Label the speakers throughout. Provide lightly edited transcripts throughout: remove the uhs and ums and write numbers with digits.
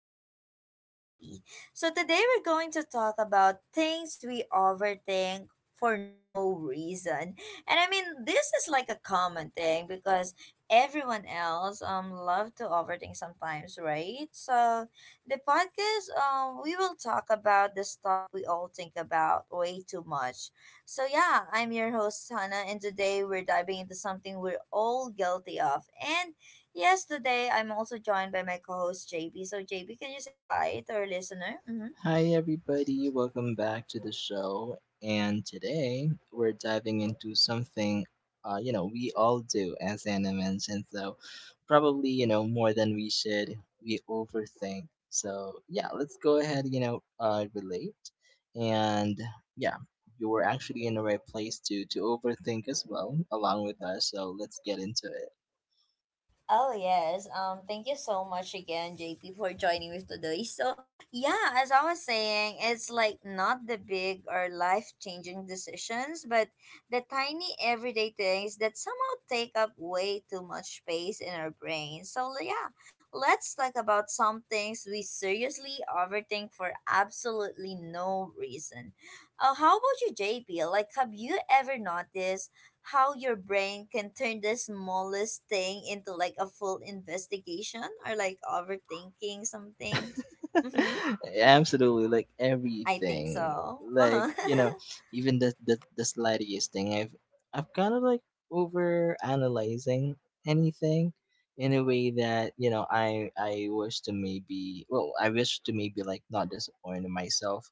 Speaker 1: podcast with JP. So today we're going to talk about things we overthink for no reason. And this is like a common thing because everyone else love to overthink sometimes, right? So the podcast we will talk about the stuff we all think about way too much. So yeah, I'm your host Hannah and today we're diving into something we're all guilty of. And yes, today I'm also joined by my co host JB. So, JB, can you say hi to our listener? Mm-hmm.
Speaker 2: Hi, everybody. Welcome back to the show. And today we're diving into something, we all do as animals, and so probably you know more than we should. We overthink. So yeah, let's go ahead. Relate, and yeah, you were actually in the right place to overthink as well, along with us. So let's get into it.
Speaker 1: Oh yes. Thank you so much again, JP, for joining me today. So yeah, as I was saying, it's like not the big or life changing decisions, but the tiny everyday things that somehow take up way too much space in our brain. Yeah, let's talk about some things we seriously overthink for absolutely no reason. How about you, JP? Like have you ever noticed how your brain can turn the smallest thing into like a full investigation or like overthinking something. Mm-hmm.
Speaker 2: Absolutely, like
Speaker 1: I think
Speaker 2: everything.
Speaker 1: so.
Speaker 2: Like, even the slightest thing. I've kind of like over analyzing anything in a way that, I wish to maybe well, I wish to maybe like not disappoint myself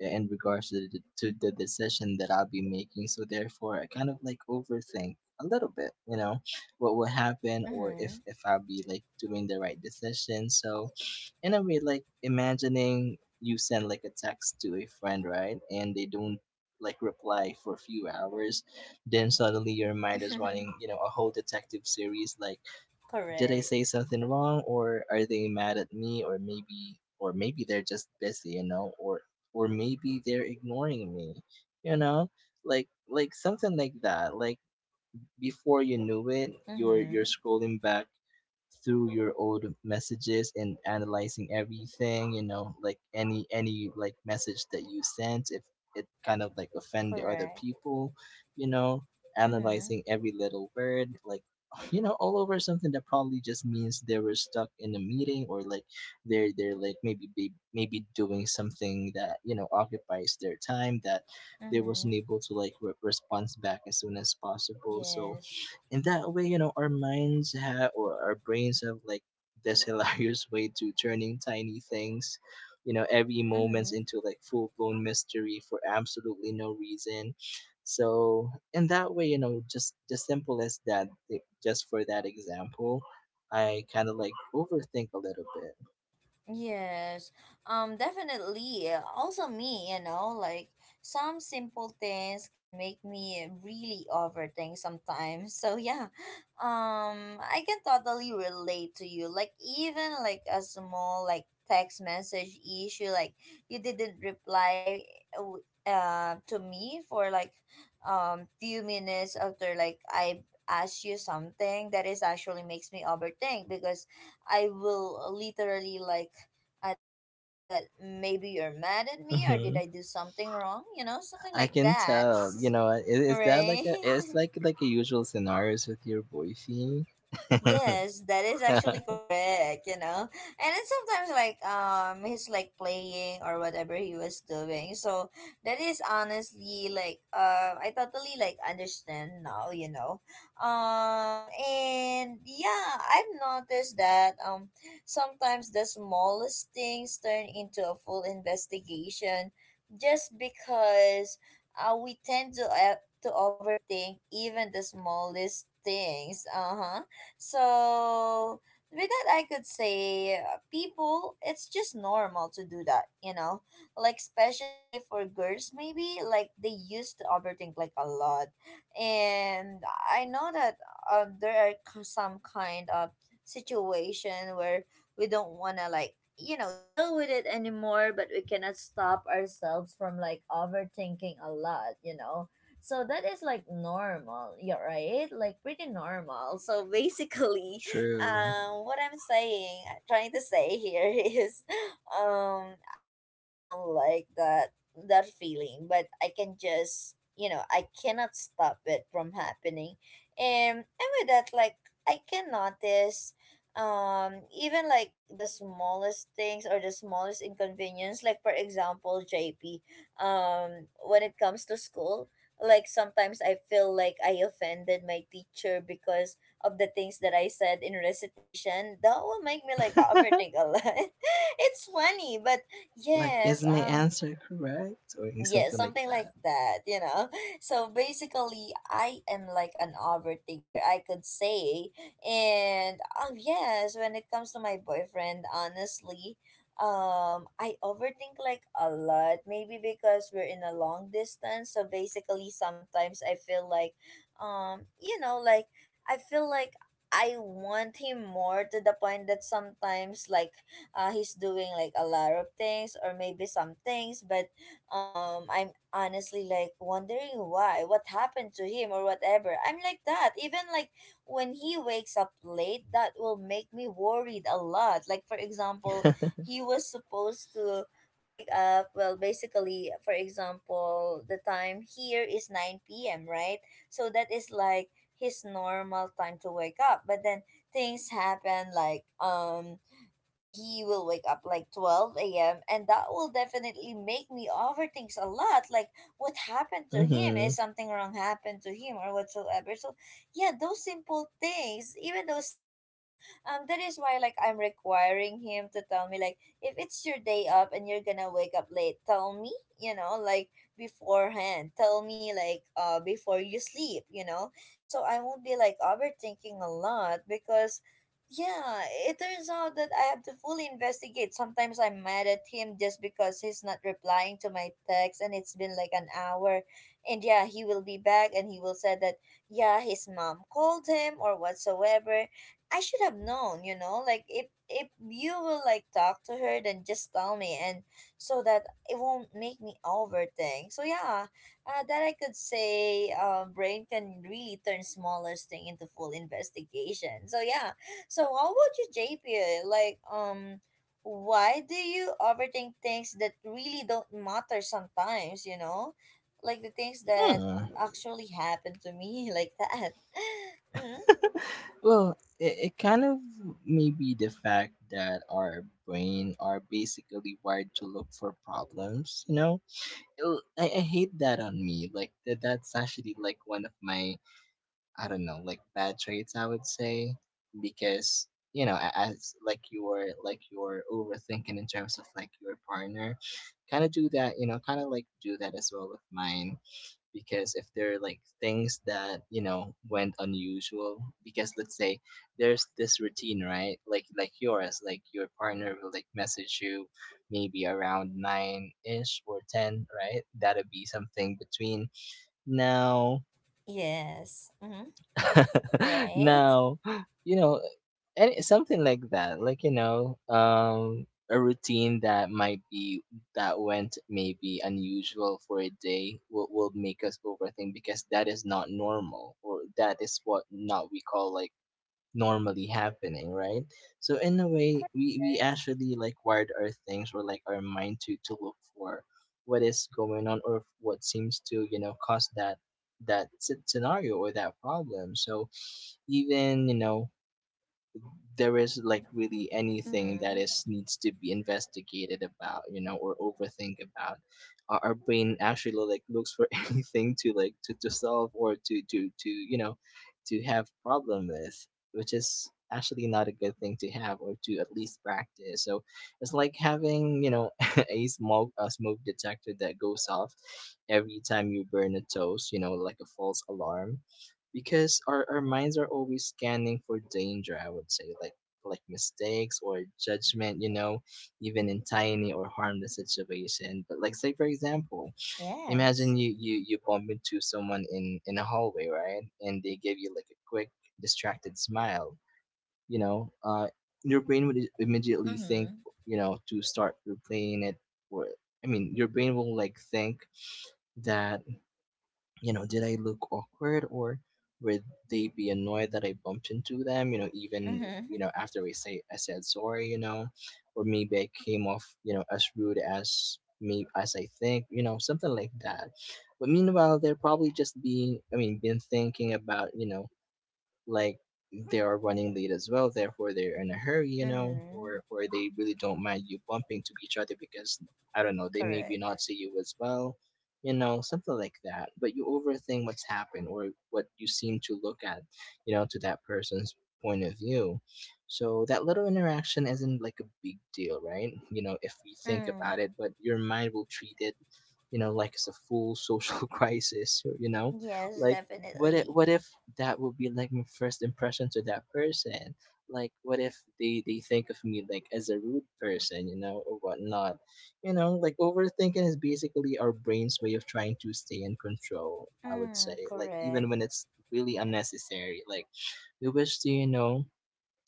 Speaker 2: in regards to the decision that I'll be making. So therefore, I kind of like overthink a little bit, what will happen or if
Speaker 1: Mm-hmm.
Speaker 2: if I'll be like doing the right decision. So in a way like imagining you send like a text to a friend, right, and they don't like reply for a few hours. Then suddenly your mind is running, a whole detective series like, did I
Speaker 1: Correct.
Speaker 2: say something wrong, or are they mad at me, or maybe they're just busy, or maybe they're ignoring me, you know like something like that. Like before you knew it, you're
Speaker 1: Mm-hmm.
Speaker 2: scrolling back through your old messages and analyzing everything, like any like message that you sent if it kind of like offend the other
Speaker 1: Correct.
Speaker 2: people, you know
Speaker 1: Mm-hmm.
Speaker 2: analyzing every little word, like, all over something that probably just means they were stuck in a meeting, or like they're like maybe doing something that, occupies their time, that they wasn't
Speaker 1: Mm-hmm.
Speaker 2: able to like respond back as soon as possible. So
Speaker 1: Yes.
Speaker 2: in that way, our minds have, or our brains have, like this hilarious way to turning tiny things, every moments
Speaker 1: Mm-hmm.
Speaker 2: into like full-blown mystery for absolutely no reason. So in that way, just the simple as that, like, just for that example, I kind of like overthink a little bit.
Speaker 1: Yes, definitely. Also, me, you know, like some simple things can make me really overthink sometimes. So yeah, I can totally relate to you. Like even like a small like text message issue, like you didn't reply, to me for like, few minutes after like I asked you something. That is actually makes me overthink because I will literally like I think that maybe you're mad at me or did
Speaker 2: Mm-hmm.
Speaker 1: I do something wrong? You know, something
Speaker 2: I
Speaker 1: like
Speaker 2: can
Speaker 1: that.
Speaker 2: tell. You know, is that like a?
Speaker 1: Right?
Speaker 2: It's like a usual scenarios with your boyfriend.
Speaker 1: Yes, that is actually correct, you know. And then sometimes like he's like playing or whatever he was doing. So that is honestly like I totally like understand now, you know. And yeah, I've noticed that sometimes the smallest things turn into a full investigation just because we tend to overthink even the smallest things. Uh-huh. So with that, I could say people, it's just normal to do that, you know, like especially for girls, maybe like they used to overthink like a lot, and I know that there are some kind of situation where we don't wanna like you know deal with it anymore, but we cannot stop ourselves from like overthinking a lot, you know, so that is like normal, yeah, right? Like pretty normal. So basically,
Speaker 2: True.
Speaker 1: what I'm saying, trying to say here is, um, I really don't like that that feeling, but I can just, you know, I cannot stop it from happening, and with that, like I can notice. Even like the smallest things or the smallest inconvenience, like for example, JP, when it comes to school like sometimes I feel like I offended my teacher because of the things that I said in recitation. That will make me like overthink a lot. It's funny, but
Speaker 2: Like,
Speaker 1: yes,
Speaker 2: is my answer correct or
Speaker 1: yeah,
Speaker 2: something like
Speaker 1: something like that, you know. So basically, I am like an overthinker, I could say. And oh yes, when it comes to my boyfriend, honestly, I overthink like a lot. Maybe because we're in a long distance, so basically sometimes I feel like, you know, like I feel like I want him more to the point that sometimes like he's doing like a lot of things or maybe some things, but I'm honestly like wondering why what happened to him or whatever. I'm like that even like when he wakes up late that will make me worried a lot. Like for example,
Speaker 2: that?
Speaker 1: he was supposed to wake up, well basically for example the time here is 9 p.m, right? So that is like his normal time to wake up, but then things happen like he will wake up like 12 a.m. and that will definitely make me overthink a lot. Like, what happened to him? Is
Speaker 2: Hmm.
Speaker 1: something wrong happened to him or whatsoever? So, yeah, those simple things, even those things, that is why like I'm requiring him to tell me like if it's your day up and you're gonna wake up late, tell me, you know, like beforehand. Tell me like before you sleep, you know, so I won't be like overthinking a lot because yeah, it turns out that I have to fully investigate. Sometimes I'm mad at him just because he's not replying to my text and it's been like an hour. And yeah, he will be back and he will say that yeah, his mom called him or whatsoever. I should have known, you know, like if you will like talk to her then just tell me and so that it won't make me overthink. So yeah, that I could say brain can really turn smallest thing into full investigation. So yeah, so how about you, JP? Like, why do you overthink things that really don't matter sometimes, you know? Like the things that
Speaker 2: Hmm.
Speaker 1: actually happen to me like that. Mm-hmm.
Speaker 2: Well, it kind of may be the fact that our brain are basically wired to look for problems, I hate that on me, like that's actually like one of my, I don't know, like bad traits, I would say, because, as like you're overthinking in terms of like your partner, kind of do that, you know, kind of like do that as well with mine, because if there are like things that, went unusual, because let's say there's this routine, right? Like, yours, like your partner will like message you maybe around nine ish or ten, right? That'll be something between now
Speaker 1: Yes. Mm-hmm. Right?
Speaker 2: now, you know, any, something like that, like, you know, a routine that might be, that went maybe unusual for a day, will make us overthink, because that is not normal, or that is what not we call like normally happening, right? So in a way, we
Speaker 1: Correct.
Speaker 2: actually like wired our things, or like our mind to look for what is going on, or what seems to, you know, cause that scenario or that problem. So even, there is like really anything that
Speaker 1: Mm-hmm.
Speaker 2: is needs to be investigated about, you know, or overthink about. Our brain actually looks for anything to like, to solve, or to, to have problem with, which is actually not a good thing to have, or to at least practice. So it's like having, you know, a smoke detector that goes off every time you burn a toast, you know, like a false alarm, because our minds are always scanning for danger, I would say, like mistakes or judgment, you know, even in tiny or harmless situation. But like, say for example, imagine
Speaker 1: Yes.
Speaker 2: you bump into someone in a hallway, right, and they give you like a quick distracted smile. you know uh your brain would immediately think,
Speaker 1: Mm-hmm.
Speaker 2: you know, to start replaying it. Or, I mean, your brain will like think that, you know, did I look awkward, or would they be annoyed that I bumped into them, you know, even,
Speaker 1: Mm-hmm.
Speaker 2: you know, after I say I said sorry, you know. Or maybe I came off, you know, as rude as me as I think, you know, something like that. But meanwhile they're probably just being, I mean, been thinking about, you know, like they are running late as well, therefore they're in a hurry, you know.
Speaker 1: Mm-hmm.
Speaker 2: Or they really don't mind you bumping to each other, because I don't know, they maybe
Speaker 1: Correct.
Speaker 2: not see you as well, you know, something like that. But you overthink what's happened, or what you seem to look at, you know, to that person's point of view. So that little interaction isn't like a big deal, right, you know, if we think
Speaker 1: Mm.
Speaker 2: about it, but your mind will treat it, you know, like it's a full social crisis, you know.
Speaker 1: Yes,
Speaker 2: Like, what if,
Speaker 1: definitely.
Speaker 2: what if that would be like my first impression to that person. Like, what if they think of me like as a rude person, you know, or whatnot. You know, like, overthinking is basically our brain's way of trying to stay in control, I would say,
Speaker 1: Mm.
Speaker 2: like even
Speaker 1: Correct.
Speaker 2: when it's really unnecessary. Like, we wish to, you know,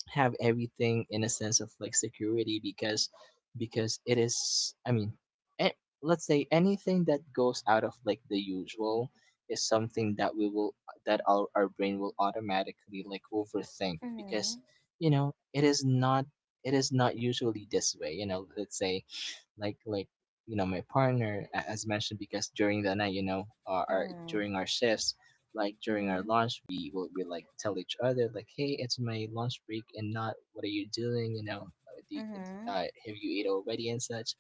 Speaker 2: have everything in a sense of like security, because it is, I mean, a- let's say anything that goes out of like the usual is something that we will, that our brain will automatically like overthink, because,
Speaker 1: Mm.
Speaker 2: you know, it is not usually this way, you know. Let's say, like you know, my partner, as mentioned, because during the night, you know, our
Speaker 1: Mm.
Speaker 2: during our shifts, like during our
Speaker 1: Mm-hmm.
Speaker 2: lunch, we like tell each other like, hey, it's my lunch break and not, what are you doing, you know,
Speaker 1: Mm-hmm.
Speaker 2: have you ate already and such.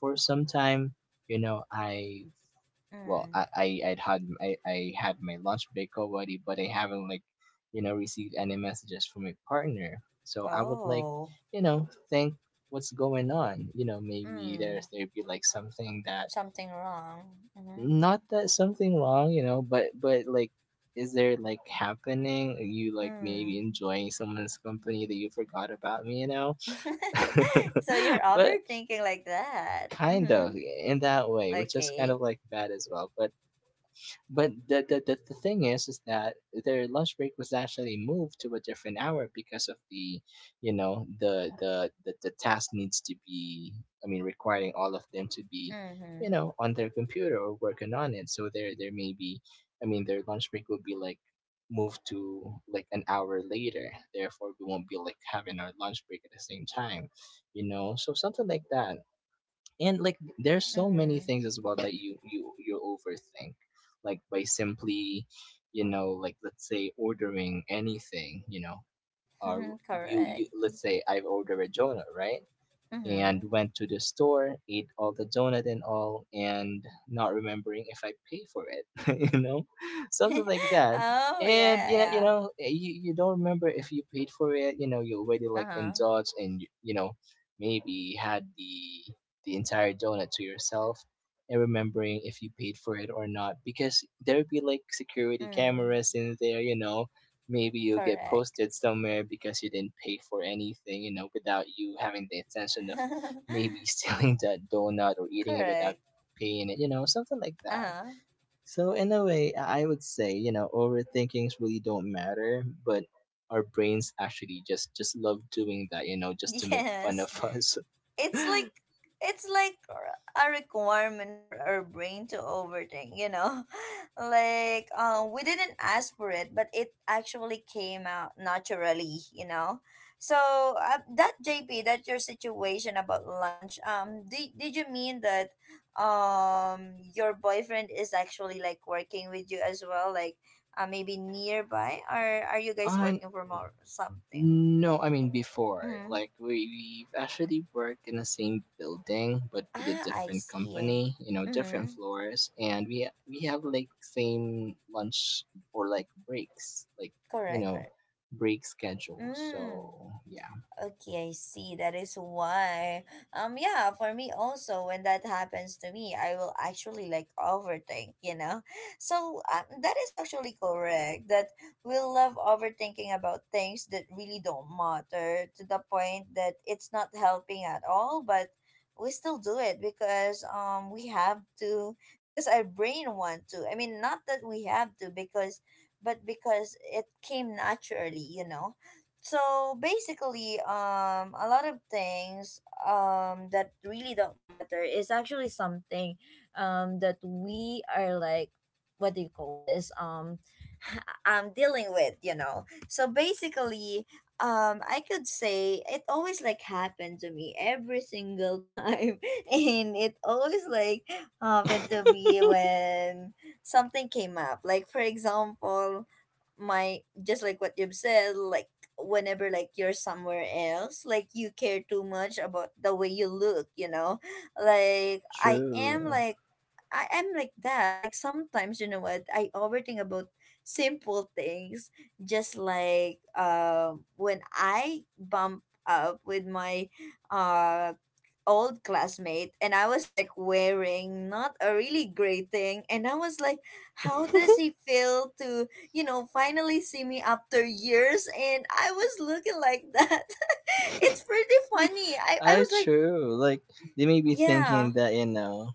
Speaker 2: For some time, you know, I, well,
Speaker 1: Mm.
Speaker 2: I had my lunch break already, but I haven't like, you know, received any messages from my partner. So I would like,
Speaker 1: Oh,
Speaker 2: you know, think, what's going on, you know, maybe
Speaker 1: mm,
Speaker 2: there'd be like something that,
Speaker 1: something wrong. Mm-hmm.
Speaker 2: not that something wrong, you know, but like, is there like happening, are you like maybe
Speaker 1: Mm.
Speaker 2: enjoying someone's company that you forgot about me, you know.
Speaker 1: So you're
Speaker 2: But
Speaker 1: overthinking like that.
Speaker 2: kind
Speaker 1: Mm-hmm.
Speaker 2: of in that way, which is kind of
Speaker 1: Okay.
Speaker 2: like bad as well. But the thing is that their lunch break was actually moved to a different hour because of the, you know, the task needs to be, I mean, requiring all of them to be, you
Speaker 1: Mm-hmm.
Speaker 2: know, on their computer or working on it. So there may be, I mean, their lunch break will be like moved to like an hour later. Therefore, we won't be like having our lunch break at the same time, you know, so something like that. And like, there's so many
Speaker 1: Mm.
Speaker 2: things as well that you overthink, like by simply, you know, like let's say ordering anything, you know. Or
Speaker 1: Mm-hmm.
Speaker 2: you
Speaker 1: Correct.
Speaker 2: let's say, I've ordered a jonah, right, and
Speaker 1: Mm-hmm.
Speaker 2: went to the store, ate all the donut and all, and not remembering if I pay for it, you know, something like that.
Speaker 1: Oh
Speaker 2: And
Speaker 1: yeah,
Speaker 2: you know,
Speaker 1: yeah.
Speaker 2: you don't remember if you paid for it. You know, you already like
Speaker 1: Uh-huh.
Speaker 2: indulged, and you know, maybe had the entire donut to yourself, and remembering if you paid for it or not, because there'd be like security
Speaker 1: Mm.
Speaker 2: cameras in there, you know. Maybe you'll get
Speaker 1: Correct.
Speaker 2: posted somewhere because you didn't pay for anything, you know, without you having the intention of maybe stealing that donut, or eating it without
Speaker 1: Correct.
Speaker 2: paying it, you know, something like that.
Speaker 1: Uh-huh.
Speaker 2: So, in a way, I would say, you know, overthinkings really don't matter, but our brains actually just love doing that, you know, just to make fun
Speaker 1: Yes.
Speaker 2: of us.
Speaker 1: it's like it's like a requirement for our brain to overthink, you know. Like we didn't ask for it but it actually came out naturally, you know. So that JP, that your situation about lunch, did you mean that your boyfriend is actually like working with you as well, like maybe nearby, or are you guys
Speaker 2: on
Speaker 1: working from or something?
Speaker 2: No, I mean before.
Speaker 1: Mm-hmm.
Speaker 2: Like we've actually worked in the same building, but with a
Speaker 1: Ah, I
Speaker 2: different
Speaker 1: see.
Speaker 2: company. You know, different
Speaker 1: Mm-hmm.
Speaker 2: floors, and we have like same lunch, or like breaks, like, you
Speaker 1: Correct,
Speaker 2: know,
Speaker 1: correct. Yeah.
Speaker 2: break schedules.
Speaker 1: Mm.
Speaker 2: So yeah,
Speaker 1: Okay, I see. That is why. Yeah, for me also, when that happens to me, I will actually like overthink, you know? So that is actually correct that we love overthinking about things that really don't matter to the point that it's not helping at all, but we still do it because we have to because our brain want to. I mean, not that we have to because, but because it came naturally, you know? So basically a lot of things that really don't matter is actually something that we are like, what do you call this, I'm dealing with, you know. So basically I could say it always like happened to me every single time and it always like happened to me when something came up, like for example, my, just like what you've said, like whenever like you're somewhere else like you care too much about the way you look, you know. like i am
Speaker 2: true.
Speaker 1: like I am like that. Like sometimes, you know what I overthink about? Simple things. Just like when I bump up with my uh old classmate and I was like wearing not a really great thing and I was like, how does he feel to you know finally see me after years and I was looking like that. It's pretty funny. I
Speaker 2: I
Speaker 1: was like,
Speaker 2: true. Like they may be
Speaker 1: yeah,
Speaker 2: thinking that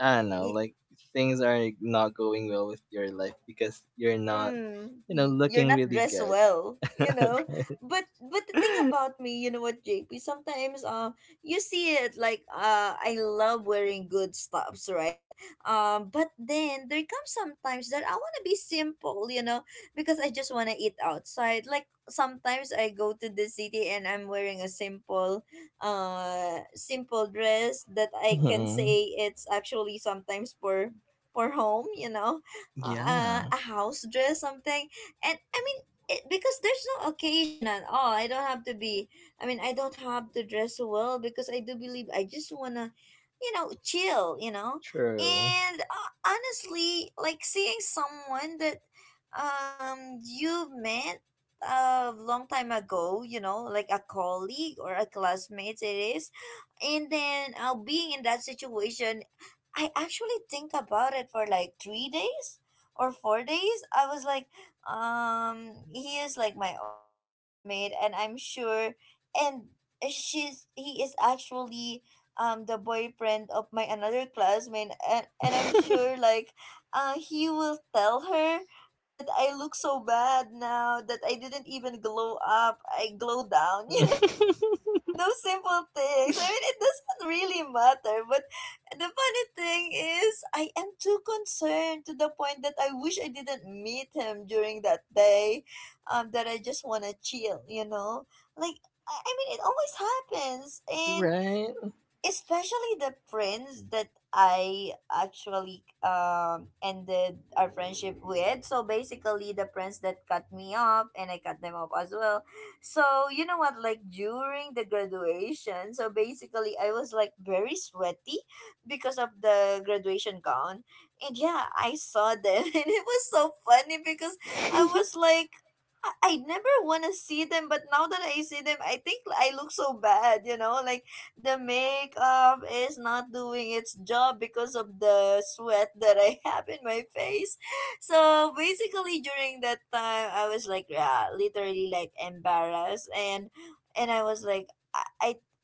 Speaker 2: I don't know, like things are not going well with your life because you're not, you know,
Speaker 1: you're
Speaker 2: looking
Speaker 1: not
Speaker 2: really
Speaker 1: dressed
Speaker 2: good,
Speaker 1: well, you know.
Speaker 2: right?
Speaker 1: But the thing about me, you know what, JP, sometimes, you see it like I love wearing good stuffs, right? But then there comes sometimes that I want to be simple, you know, because I just want to eat outside. Like sometimes I go to the city and I'm wearing a simple simple dress that I can
Speaker 2: Mhm.
Speaker 1: say it's actually sometimes for home, you know,
Speaker 2: Yeah,
Speaker 1: a house dress something. And I mean, it, because there's no occasion at all, I don't have to be, I mean I don't have to dress well because I do believe I just wanna you know chill, you know.
Speaker 2: true.
Speaker 1: And honestly like seeing someone that you met a long time ago, you know, like a colleague or a classmate, it is. And then being in that situation, I actually think about it for like 3 days or 4 days. I was like, he is like my old classmate, and I'm sure, and she's he is actually the boyfriend of my another classmate, and I'm sure like, he will tell her that I look so bad now that I didn't even glow up. I glow down, you know, those simple things. I mean, it doesn't really matter. But the funny thing is, I am too concerned to the point that I wish I didn't meet him during that day. That I just wanna chill. You know, like, I mean, it always happens, and
Speaker 2: Right?
Speaker 1: especially the friends that I actually ended our friendship with. So basically, the friends that cut me off and I cut them off as well. So you know what? Like during the graduation, so basically I was like very sweaty because of the graduation gown, and yeah, I saw them and it was so funny because I was like. I never want to see them, but now that I see them, I think I look so bad, you know? Like, the makeup is not doing its job because of the sweat that I have in my face. So basically during that time I was like yeah, literally like embarrassed and I was like I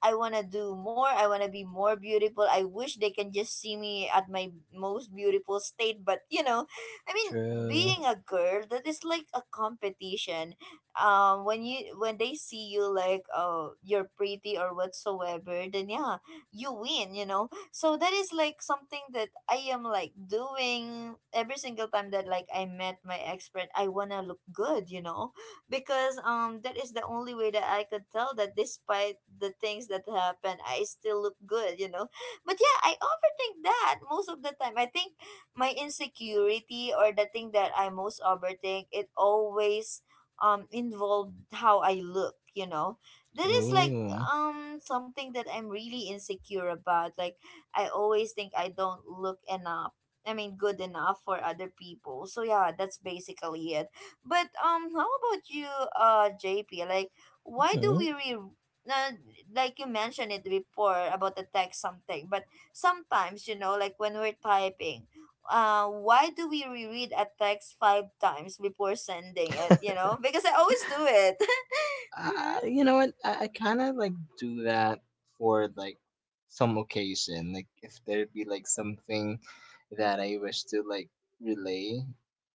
Speaker 1: I wanna do more, I wanna be more beautiful. I wish they can just see me at my most beautiful state, but you know, I mean
Speaker 2: True.
Speaker 1: being a girl that is like a competition when you when they see you like you're pretty or whatsoever, then yeah, you win, you know. So that is like something that I am like doing every single time, that like I met my expert, I wanna look good, you know. Because that is the only way that I could tell that despite the things that happen, I still look good, you know. But yeah, I overthink that most of the time. I think my insecurity or the thing that I most overthink, it always involved how I look, you know. That is like
Speaker 2: Ooh.
Speaker 1: something that I'm really insecure about. Like I always think I don't look enough. I mean good enough for other people. So yeah, that's basically it. But how about you, JP? Like why do
Speaker 2: Mhm.
Speaker 1: we re uh, like you mentioned it before about the text something, but sometimes, you know, like when we're typing, why do we reread a text five times before sending it? You know, because I always do it.
Speaker 2: Uh, you know what? I kind of like do that for like some occasion. Like if there be like something that I wish to like relay,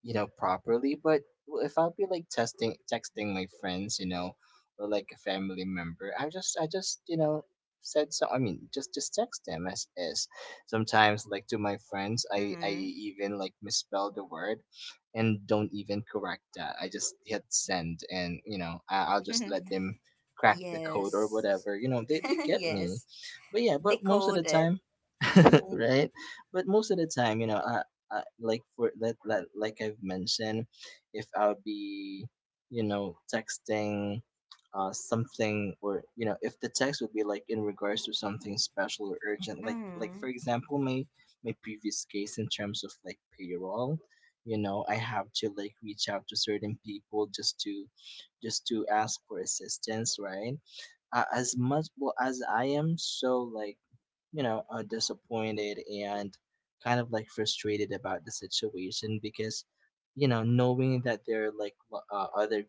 Speaker 2: you know, properly. But if I'll be like testing texting my friends, or like a family member, I just said so. I mean, just text them as is. Sometimes like to my friends, I
Speaker 1: Mm-hmm.
Speaker 2: even like misspell the word and don't even correct that. I just hit send and, I'll just
Speaker 1: Mm-hmm.
Speaker 2: let them crack the code or
Speaker 1: Yes.
Speaker 2: whatever. They get me.
Speaker 1: Yes.
Speaker 2: But yeah, but most of the
Speaker 1: Decode it.
Speaker 2: time,
Speaker 1: Mm-hmm.
Speaker 2: right? But most of the time, I like for that, like I've mentioned, if I'll be, texting something, or if the text would be like in regards to something special or urgent, like for
Speaker 1: Mm-hmm.
Speaker 2: example my previous case in terms of like payroll. You know, I have to like reach out to certain people just to ask for assistance, right? As much, well, as I am so like, disappointed and kind of like frustrated about the situation, because knowing that there are like other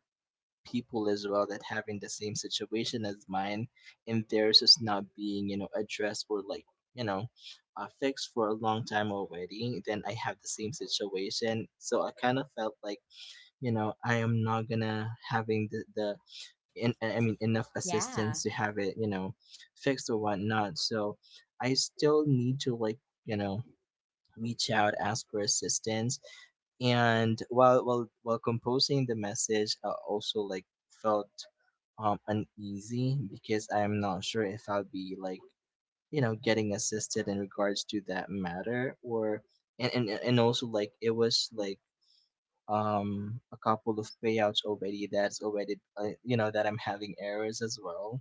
Speaker 2: people as well that having the same situation as mine, and theirs is not being addressed, or like you know fixed for a long time already. Then I have the same situation, so I kind of felt like, I am not gonna having the in I mean enough
Speaker 1: Yeah.
Speaker 2: assistance to have it, fixed or whatnot. So I still need to like you know reach out, ask for assistance, and while composing the message, I also like felt uneasy, because I'm not sure if I'll be like getting assisted in regards to that matter. Or and also like it was like a couple of payouts already that's already, that I'm having errors as well,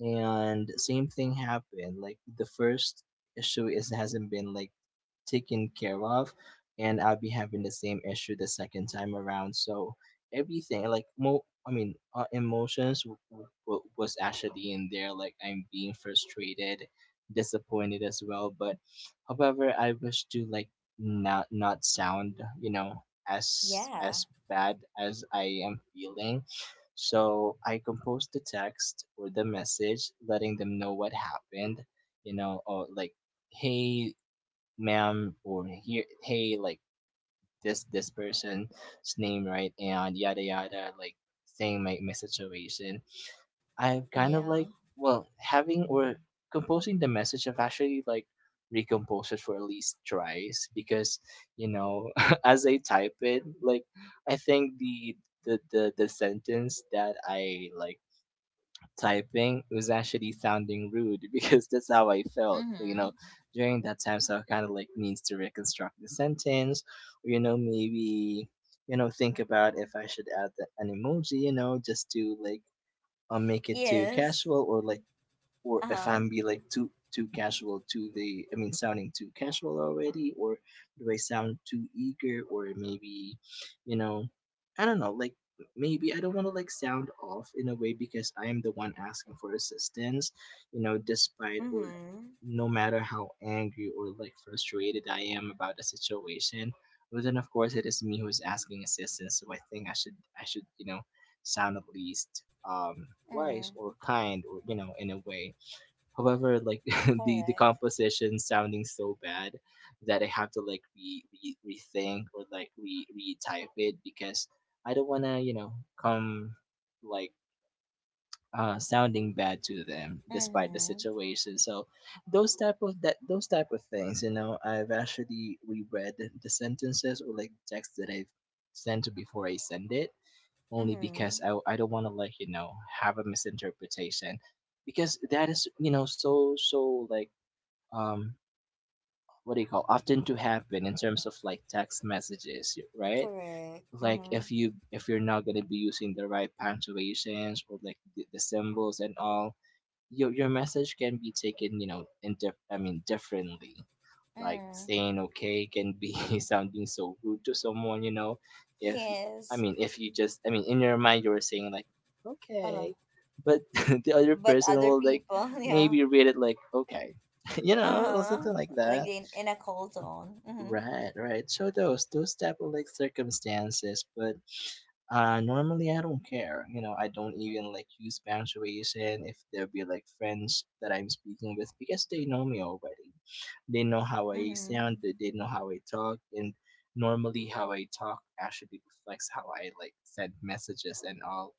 Speaker 2: and same thing happened. Like the first issue is hasn't been like taken care of, and I'll be having the same issue the second time around. So everything like mo I mean, emotions was actually in there, like I'm being frustrated, disappointed as well. But however, I wish to like not sound, you know as
Speaker 1: Yeah.
Speaker 2: as bad as I am feeling. So I composed the text or the message, letting them know what happened, or like, hey, ma'am, or hey, like this person's name, right, and yada yada, like saying my situation. I've kind of like,
Speaker 1: Yeah.
Speaker 2: well, having or composing the message, I've actually like recomposed it for at least twice, because you know as I type it, like, I think the sentence that I like typing, it was actually sounding rude, because that's how I felt.
Speaker 1: Mm-hmm.
Speaker 2: During that time. So I kind of like needs to reconstruct the sentence, or maybe think about if I should add an emoji, just to like, make it too
Speaker 1: Yes.
Speaker 2: casual, or like, or
Speaker 1: Uh
Speaker 2: if
Speaker 1: huh.
Speaker 2: I'm be like too casual to the I mean, sounding too casual already, or do I sound too eager? Or maybe, you know I don't know, like, maybe I don't want to like sound off in a way, because I am the one asking for assistance, despite, or
Speaker 1: Mm-hmm.
Speaker 2: no matter how angry or like frustrated I am about the situation. But then of course it is me who is asking assistance, so I think I should, sound at least wise
Speaker 1: Mm.
Speaker 2: or kind, or in a way. However, like the
Speaker 1: Correct.
Speaker 2: composition sounding so bad that I have to like re, re rethink or like re retype it, because I don't wanna, come like, sounding bad to them despite the
Speaker 1: Mm-hmm.
Speaker 2: situation. So those type of that those type of things, I've actually reread the sentences, or like text that I've sent, before I send it. Only because
Speaker 1: Mm-hmm.
Speaker 2: I don't want to like, have a misinterpretation, because that is, so like, um what do you call, often to happen in terms of like text messages, right?
Speaker 1: Correct.
Speaker 2: Like
Speaker 1: Mm-hmm.
Speaker 2: if you're not going to be using the right punctuations, or like the symbols and all, your message can be taken, in I mean, differently. Like
Speaker 1: Mm.
Speaker 2: saying okay can be sounding so rude to someone, if, I
Speaker 1: Yes.
Speaker 2: mean, if you just, I mean, in your mind you're saying like,
Speaker 1: Uh.
Speaker 2: okay. But the other
Speaker 1: But
Speaker 2: person
Speaker 1: other
Speaker 2: will like
Speaker 1: people, yeah.
Speaker 2: maybe read it like, okay, or
Speaker 1: Uh-huh.
Speaker 2: something like
Speaker 1: Like
Speaker 2: that.
Speaker 1: in a cold zone. Mm-hmm.
Speaker 2: Right, right. So those type of like circumstances. But normally I don't care. I don't even like use punctuation if there be like friends that I'm speaking with, because they know me already. They know how I
Speaker 1: Mm-hmm.
Speaker 2: sound, they know how I talk, and normally how I talk actually reflects how I like send messages and all.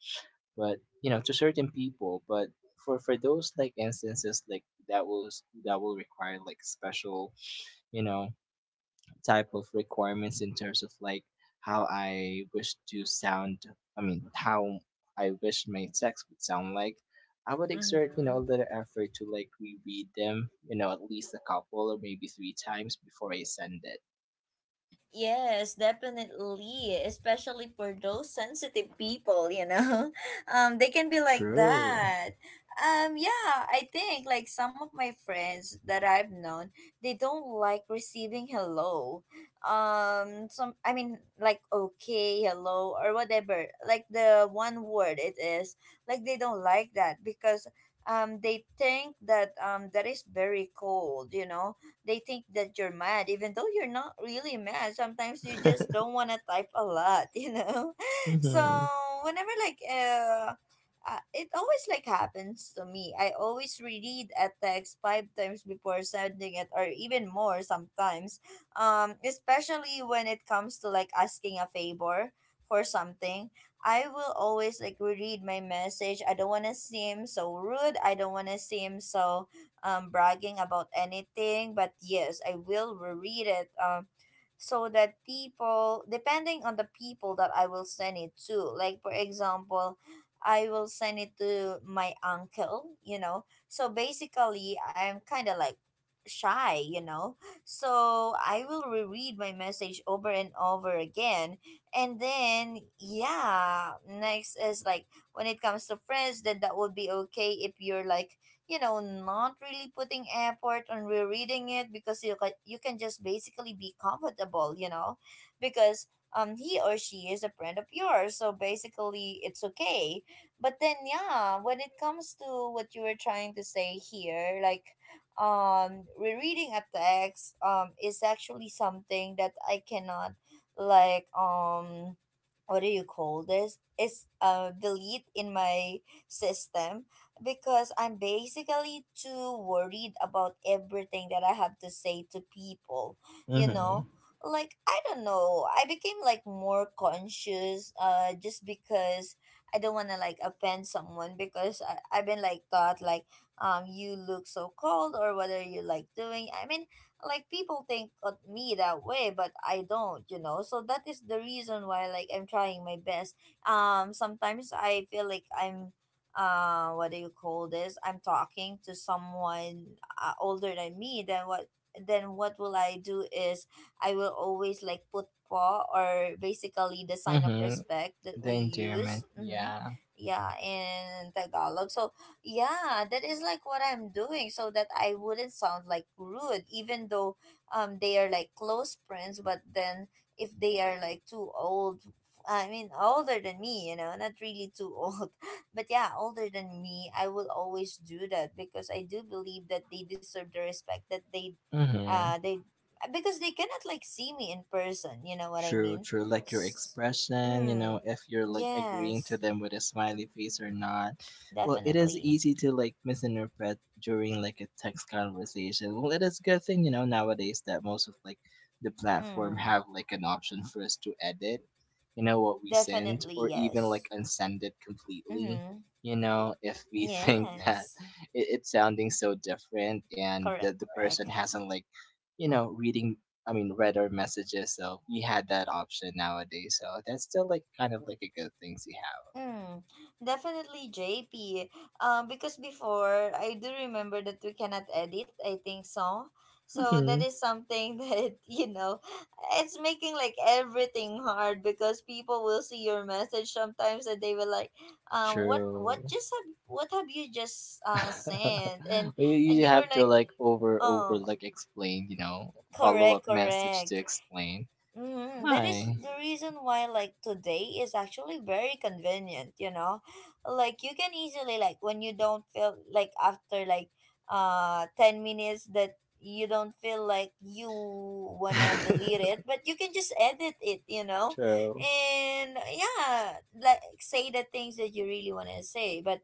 Speaker 2: But to certain people. But for those like instances, like that will require like special, you know type of requirements in terms of like how I wish to sound, I mean, how I wish my text would sound like, I would exert, a
Speaker 1: Mm-hmm.
Speaker 2: little effort to like reread them, at least a couple or maybe three times before I send it.
Speaker 1: Yes, definitely. Especially for those sensitive people, you know. They can be like
Speaker 2: True.
Speaker 1: that. Yeah, I think like some of my friends that I've known, they don't like receiving hello. Some I mean like okay, hello or whatever. Like the one word it is. Like they don't like that because they think that that is very cold, you know, they think that you're mad even though you're not really mad, sometimes you just don't want to type a lot you know. So
Speaker 2: Mm-hmm.
Speaker 1: whenever like it always like happens to me. I always reread a text five times before sending it, or even more sometimes. Especially when it comes to like asking a favor for something, I will always like reread my message. I don't want to seem so rude. I don't want to seem so bragging about anything, but yes, I will reread it, so that people, depending on the people that I will send it to, like for example, I will send it to my uncle, you know. So basically, I'm kind of like shy, you know. So I will reread my message over and over again. And then, yeah, next is like when it comes to friends, then that would be okay if you're like, you know, not really putting effort on rereading it, because you can just basically be comfortable, you know, because he or she is a friend of yours, so basically it's okay. But then yeah, when it comes to what you were trying to say here, like rereading a text is actually something that I cannot like what do you call this? It's delete in my system because I'm basically too worried about everything that I have to say to people, you know?
Speaker 2: Mm-hmm.
Speaker 1: Like I don't know, I became like more conscious just because I don't want to like offend someone, because I've been like thought like you look so cold or what are you like doing? I mean, like people think of me that way, but I don't, you know. So that is the reason why like I'm trying my best. Sometimes I feel like I'm what do you call this, I'm talking to someone older than me, then what will I do is, I will always like put paw, or basically the sign of
Speaker 2: Mm-hmm.
Speaker 1: respect that
Speaker 2: The
Speaker 1: we
Speaker 2: endearment,
Speaker 1: use. Mm-hmm.
Speaker 2: yeah.
Speaker 1: Yeah, in Tagalog. So yeah, that is like what I'm doing, so that I wouldn't sound like rude even though they are like close friends. But then if they are like too old, I mean, older than me, you know, not really too old, but yeah, older than me, I will always do that because I do believe that they deserve the respect that they,
Speaker 2: Mm-hmm.
Speaker 1: uh, they, because they cannot like see me in person. You know what I
Speaker 2: True,
Speaker 1: mean?
Speaker 2: true. Like your
Speaker 1: S-
Speaker 2: expression,
Speaker 1: Mm,
Speaker 2: if you're like agreeing to
Speaker 1: yes,
Speaker 2: them with a smiley face or not. Well, it is
Speaker 1: definitely.
Speaker 2: easy to like misinterpret during like a text conversation. Well, it is a good thing, nowadays that most of like the platform
Speaker 1: Mm,
Speaker 2: have like an option for us to edit, what we send,
Speaker 1: definitely
Speaker 2: or even
Speaker 1: yes.
Speaker 2: like unsend it completely.
Speaker 1: Mm-hmm.
Speaker 2: If we think that
Speaker 1: Yes,
Speaker 2: it's sounding so different, and
Speaker 1: correct,
Speaker 2: that the person
Speaker 1: correct.
Speaker 2: hasn't like, reading, I mean, read our messages. So we had that option nowadays. So that's still like kind of like a good thing
Speaker 1: Mm, definitely, JP. Because before, I do remember that we cannot edit, I think so.
Speaker 2: to have.
Speaker 1: So
Speaker 2: Hmm.
Speaker 1: that is something that, you know, it's making like everything hard because people will see your message sometimes and they will like, what
Speaker 2: True.
Speaker 1: just have what have you just sent?
Speaker 2: you
Speaker 1: And
Speaker 2: you
Speaker 1: you were
Speaker 2: have to
Speaker 1: like,
Speaker 2: like over
Speaker 1: oh,
Speaker 2: like explain, follow up
Speaker 1: correct,
Speaker 2: message to
Speaker 1: correct.
Speaker 2: explain.
Speaker 1: Mm, that is
Speaker 2: Hi.
Speaker 1: the reason why like today is actually very convenient, you know? Like you can easily like when you don't feel like after like 10 minutes that you don't feel like you wanna delete it, but you can just edit it, you know?
Speaker 2: True.
Speaker 1: And yeah, like say the things that you really wanna say, but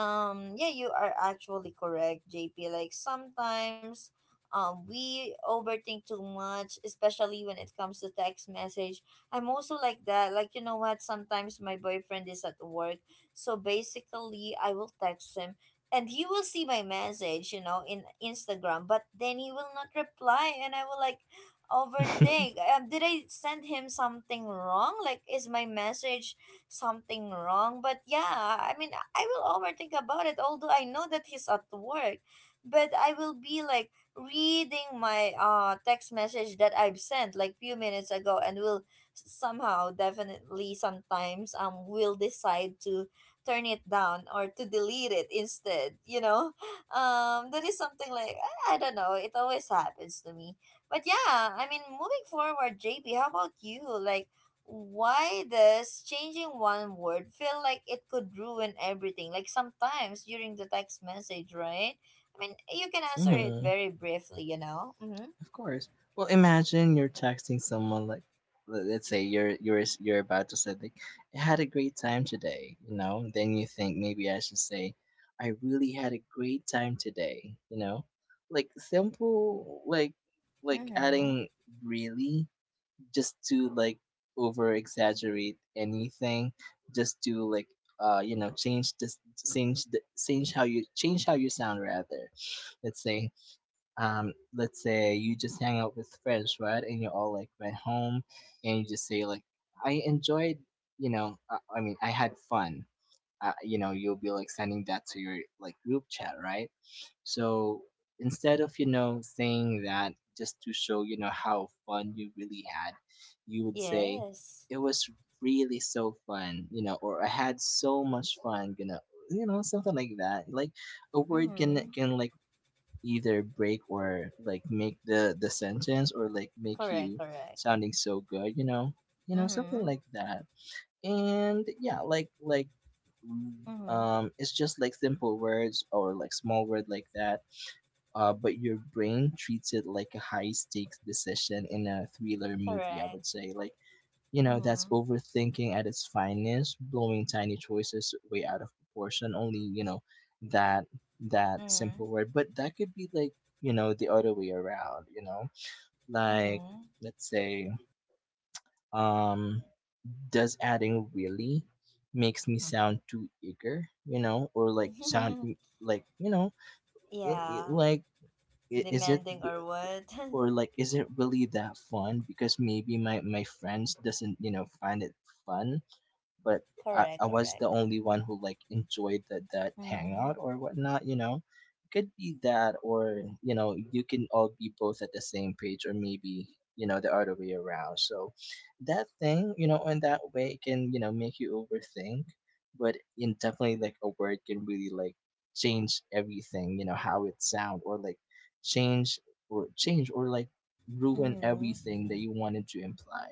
Speaker 1: yeah, you are actually correct, JP. Like sometimes, we overthink too much, especially when it comes to text message. I'm also like that. Like, you know what? Sometimes my boyfriend is at work. So basically, I will text him and he will see my message, you know, in Instagram, but then he will not reply. And I will like overthink. Did I send him something wrong? Like, is my message something wrong? But yeah, I mean, I will overthink about it, although I know that he's at work. But I will be like, reading my text message that I've sent like few minutes ago, and will somehow definitely sometimes will decide to turn it down or to delete it instead, you know. That is something like, I don't know, it always happens to me. But yeah, I mean, moving forward, JP, how about you, like, why does changing one word feel like it could ruin everything, like sometimes during the text message, right? I mean, you can answer it
Speaker 2: Mhm.
Speaker 1: very briefly, you know? Mm-hmm.
Speaker 2: Of course. Well, imagine you're texting someone like, let's say you're about to say like, I had a great time today,, you know. Then you think, maybe I should say, I really had a great time today. Like simple, like
Speaker 1: Mm-hmm.
Speaker 2: adding really, just to like over exaggerate anything, just to like, change this change the change how you sound, rather. Let's say, let's say you just hang out with friends, right, and you all like went home, and you just say like, I enjoyed I mean I had fun. You'll be like sending that to your like group chat, right? So instead of, saying that, just to show, how fun you really had, you would say,
Speaker 1: Yes.
Speaker 2: it was really so fun, or I had so much fun, gonna, something like that. Like a word can
Speaker 1: Mm-hmm.
Speaker 2: can like either break, or like make the sentence, or like make
Speaker 1: Correct,
Speaker 2: you
Speaker 1: correct.
Speaker 2: sounding so good, something
Speaker 1: Mm-hmm.
Speaker 2: like that. And yeah, like
Speaker 1: Mm-hmm.
Speaker 2: it's just like simple words, or like small word like that. But your brain treats it like a high stakes decision in a thriller movie, I
Speaker 1: Correct.
Speaker 2: would say. Like, that's
Speaker 1: Mm-hmm.
Speaker 2: overthinking at its finest, blowing tiny choices way out of proportion. Only, that that
Speaker 1: Mm-hmm.
Speaker 2: simple word. But that could be like, the other way around, you know? Like,
Speaker 1: Mm-hmm.
Speaker 2: let's say, um, does adding really makes me sound too eager, or like sound like,
Speaker 1: Yeah.
Speaker 2: like, i- is it
Speaker 1: Demanding or what?
Speaker 2: is it really that fun, because maybe my friends doesn't, find it fun. But I,
Speaker 1: Correct,
Speaker 2: I was the
Speaker 1: correct.
Speaker 2: only one who like enjoyed that
Speaker 1: Mm-hmm.
Speaker 2: hangout or whatnot, you know. It could be that, or you can all be both at the same page, or maybe, the other way around. So that thing, in that way, it can, make you overthink. But in definitely, like a word can really like change everything, how it sound, or like change, or ruin
Speaker 1: Mm-hmm.
Speaker 2: everything that you wanted to imply.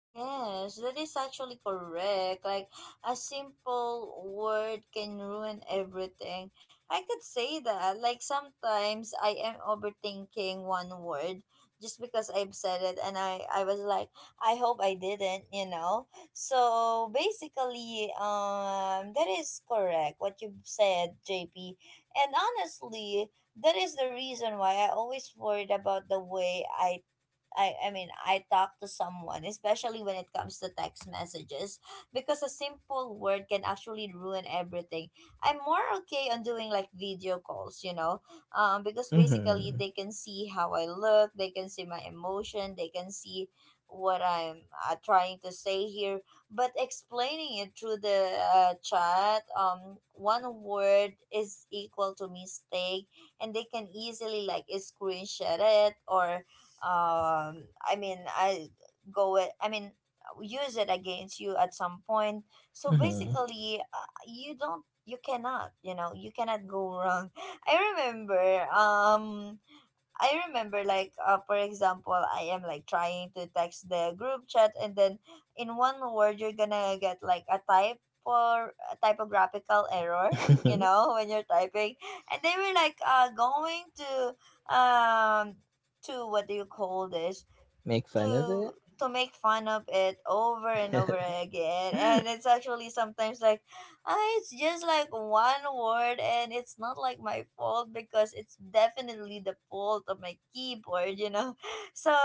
Speaker 1: Yes, that is actually correct. Like a simple word can ruin everything. I could say that. Like sometimes I am overthinking one word just because I've said it and I was like, I hope I didn't, you know. So basically, that is correct what you've said, JP. And honestly, that is the reason why I always worried about the way I mean, I talk to someone, especially when it comes to text messages, because a simple word can actually ruin everything. I'm more okay on doing like video calls, you know, because basically
Speaker 2: Mm-hmm.
Speaker 1: they can see how I look, they can see my emotion, they can see what I'm trying to say here. But explaining it through the chat, one word is equal to mistake, and they can easily like screenshot it or um I mean I go it I mean use it against you at some point. So
Speaker 2: Mm-hmm.
Speaker 1: basically, you don't you cannot you know you cannot go wrong i remember um I remember, like, for example, I am like trying to text the group chat, and then in one word you're gonna get like a type for a typographical error, you know, when you're typing, and they were like going to, to, what do you call this,
Speaker 2: Make fun of
Speaker 1: to
Speaker 2: it?
Speaker 1: to make fun of it over and over again. And it's actually sometimes like, it's just like one word, and it's not like my fault because it's definitely the fault of my keyboard, you know. So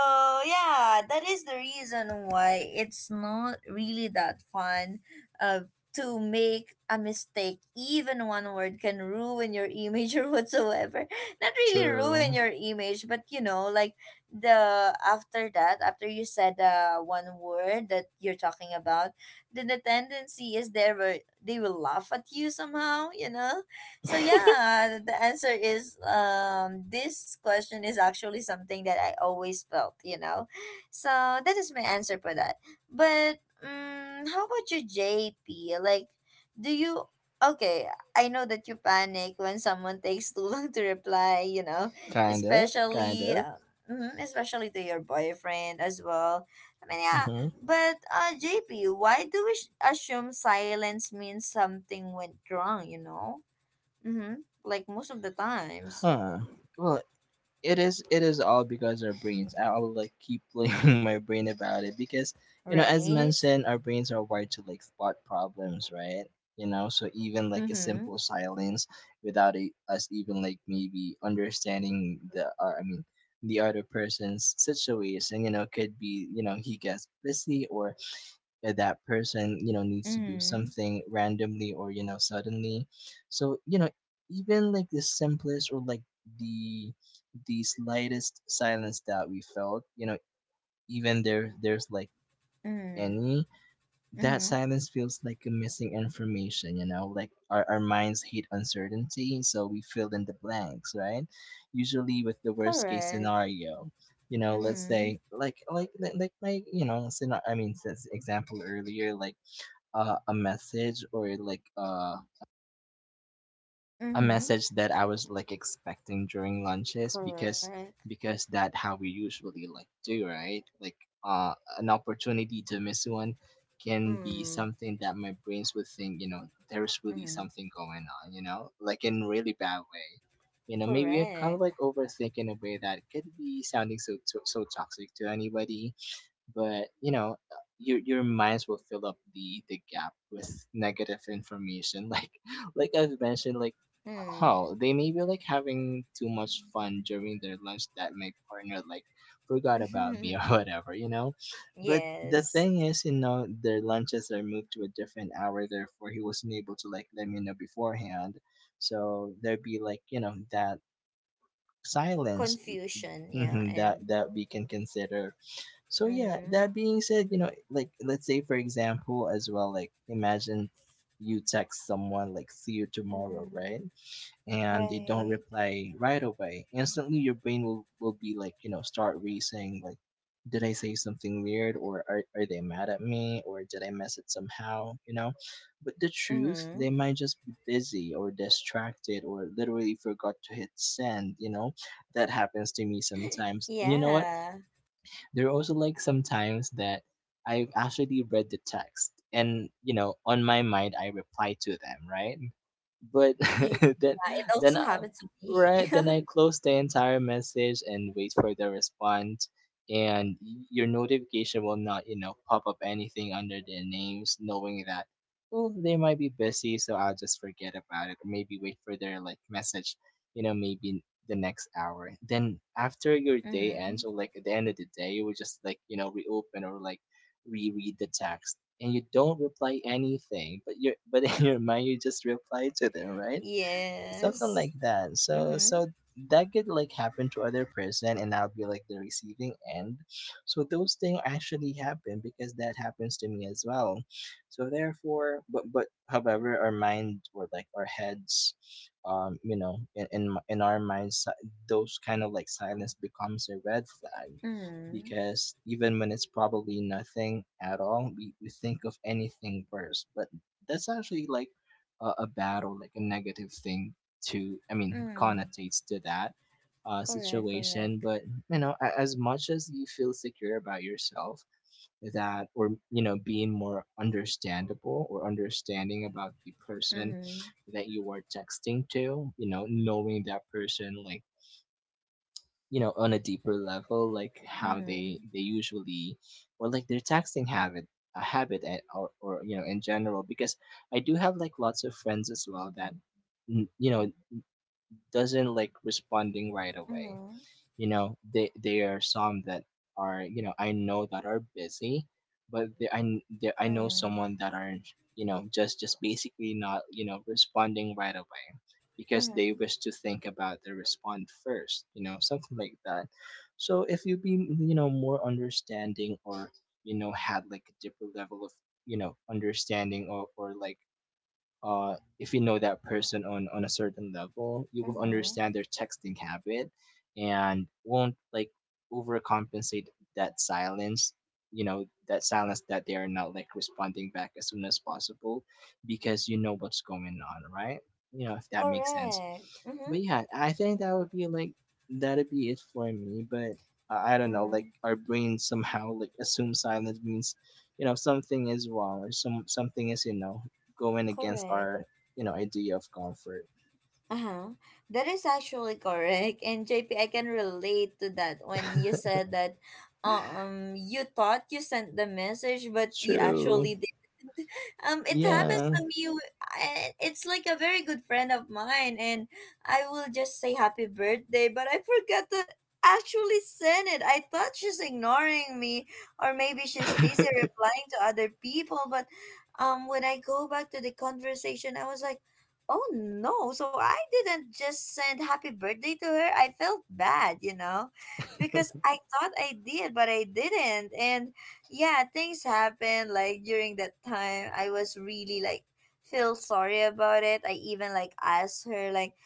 Speaker 1: yeah, that is the reason why it's not really that fun, uh, to make a mistake. Even one word can ruin your image or whatsoever. Not really ruin
Speaker 2: True.
Speaker 1: your image, but you know, like, the after that, after you said, one word that you're talking about, then the tendency is they will, they will laugh at you somehow, you know. So yeah, the answer is, this question is actually something that I always felt, you know. So that is my answer for that. But how about you, JP, like, do you, okay, I know that you panic when someone takes too long to reply, you know,
Speaker 2: Kind of, kind
Speaker 1: especially,
Speaker 2: of.
Speaker 1: mm-hmm, especially to your boyfriend as well. I mean, yeah.
Speaker 2: Hmm.
Speaker 1: But JP, why do assume silence means something went wrong? You know. Mm-hmm. Like most of the times,
Speaker 2: Huh. Well, it is all because our brains. I will like keep blaming my brain about it because you know, as
Speaker 1: right?
Speaker 2: mentioned, our brains are wired to like spot problems, right? You know, so even like a
Speaker 1: Mm-hmm.
Speaker 2: simple silence without us even like maybe understanding or I mean, the other person's situation, you know, could be you know he gets busy or that person you know needs to do
Speaker 1: Mm-hmm.
Speaker 2: something randomly or you know suddenly, so you know, even like the simplest or like the the slightest silence that we felt you know, even there's like
Speaker 1: Mm-hmm.
Speaker 2: any that
Speaker 1: Mm-hmm.
Speaker 2: silence feels like a missing information, you know, like our minds hate uncertainty, so we fill in the blanks, right? Usually with the worst case
Speaker 1: Correct.
Speaker 2: scenario. You know, let's
Speaker 1: Mm-hmm.
Speaker 2: say like my, you know, I mean, since example earlier, like a message or like a
Speaker 1: Mm-hmm.
Speaker 2: message that I was like expecting during lunches, because
Speaker 1: Correct.
Speaker 2: that how we usually like do, right? Like an opportunity to miss one can be
Speaker 1: Mm.
Speaker 2: something that my brains would think, you know, there's really
Speaker 1: Mm-hmm.
Speaker 2: something going on, you know, like in really bad way. You know, maybe I kind of
Speaker 1: Correct.
Speaker 2: like overthink in a way that could be sounding so so, so toxic to anybody, but you know your minds will fill up the gap with negative information like I've mentioned, like,
Speaker 1: Mm.
Speaker 2: oh, they may be like having too much fun during their lunch that my partner like forgot about me or whatever, you know. But the
Speaker 1: Yes.
Speaker 2: thing is, you know, their lunches are moved to a different hour, therefore he wasn't able to like let me know beforehand, so there'd be like, you know, that silence,
Speaker 1: Confusion. Yeah.
Speaker 2: mhm, that
Speaker 1: And.
Speaker 2: that we can consider. So yeah,
Speaker 1: Mm-hmm.
Speaker 2: that being said, you know, like let's say for example as well, like imagine you text someone like see you tomorrow,
Speaker 1: Mm-hmm.
Speaker 2: right? And they don't
Speaker 1: Right.
Speaker 2: reply right away. Instantly your brain will be like, you know, start racing like, did I say something weird, or are they mad at me, or did I mess it somehow, you know? But the truth,
Speaker 1: Mm-hmm.
Speaker 2: they might just be busy or distracted or literally forgot to hit send, you know? That happens to me sometimes. And you know what?
Speaker 1: Yeah.
Speaker 2: There are also like sometimes that I've actually read the text and, you know, on my mind I reply to them, right? But
Speaker 1: Yeah.
Speaker 2: then
Speaker 1: It
Speaker 2: then
Speaker 1: also
Speaker 2: I,
Speaker 1: happened to me.
Speaker 2: right, then I close the entire message and wait for the response, and your notification will not, you know, pop up anything under their names, knowing that oh they might be busy, so I'll just forget about it. Or maybe wait for their like message, you know, maybe the next hour. Then after your day
Speaker 1: Mm-hmm.
Speaker 2: ends, or like at the end of the day, you will just like, you know, reopen or like reread the text, and you don't reply anything, but you are but in your mind you just reply to them, right? Something
Speaker 1: Yes.
Speaker 2: like that. So
Speaker 1: Mm-hmm.
Speaker 2: so that could like happen to other person and I'll be like the receiving end. So those things actually happen because that happens to me as well. So therefore, but however our mind, or like our heads, you know, in our minds, those kind of like silence becomes a red flag,
Speaker 1: Mm-hmm.
Speaker 2: because even when it's probably nothing at all, we think of anything worse. But that's actually like a bad or like a negative thing to, I mean,
Speaker 1: mm
Speaker 2: connotates to that
Speaker 1: Correct,
Speaker 2: situation.
Speaker 1: correct.
Speaker 2: But you know, as much as you feel secure about yourself, that, or you know, being more understandable or understanding about the person
Speaker 1: Mm-hmm.
Speaker 2: that you are texting to, you know, knowing that person like, you know, on a deeper level, like how
Speaker 1: Mm-hmm.
Speaker 2: they usually or like their texting habit, or you know, in general, because I do have like lots of friends as well that you know doesn't like responding right away.
Speaker 1: Mm-hmm.
Speaker 2: You know, they are some that are, you know, I know that are busy, but they, I kn- they, I know
Speaker 1: Mm-hmm.
Speaker 2: someone that are, you know, just basically not, you know, responding right away, because they
Speaker 1: Mm-hmm.
Speaker 2: wish to think about the respond first. You know, something like that. So if you be, you know, more understanding, or you know, had like a deeper level of, you know, understanding, or like if you know that person on a certain level, you will
Speaker 1: Mm-hmm.
Speaker 2: understand their texting habit and won't like overcompensate that silence. You know, that silence that they are not like responding back as soon as possible because you know what's going on, right? You know, if that makes sense.
Speaker 1: Correct. Mm-hmm.
Speaker 2: But yeah, I think that would be like that'd be it for me. But I don't know, like
Speaker 1: Mm-hmm.
Speaker 2: our brain somehow like assumes silence means, you know, something is wrong, or something is, you know, going against
Speaker 1: Correct.
Speaker 2: our, you know, idea of comfort.
Speaker 1: Uh-huh. That is actually correct. And JP, I can relate to that when you said that, you thought you sent the message, but you
Speaker 2: True.
Speaker 1: actually, it happens
Speaker 2: Yeah,
Speaker 1: to me, it's like a very good friend of mine, and I will just say happy birthday, but I forgot to actually send it. I thought she's ignoring me, or maybe she's busy replying to other people. But when I go back to the conversation, I was like, oh no, so I didn't just send happy birthday to her. I felt bad, you know, because I thought I did, but I didn't. And yeah, things happened like during that time. I was really like feel sorry about it. I even like asked her like,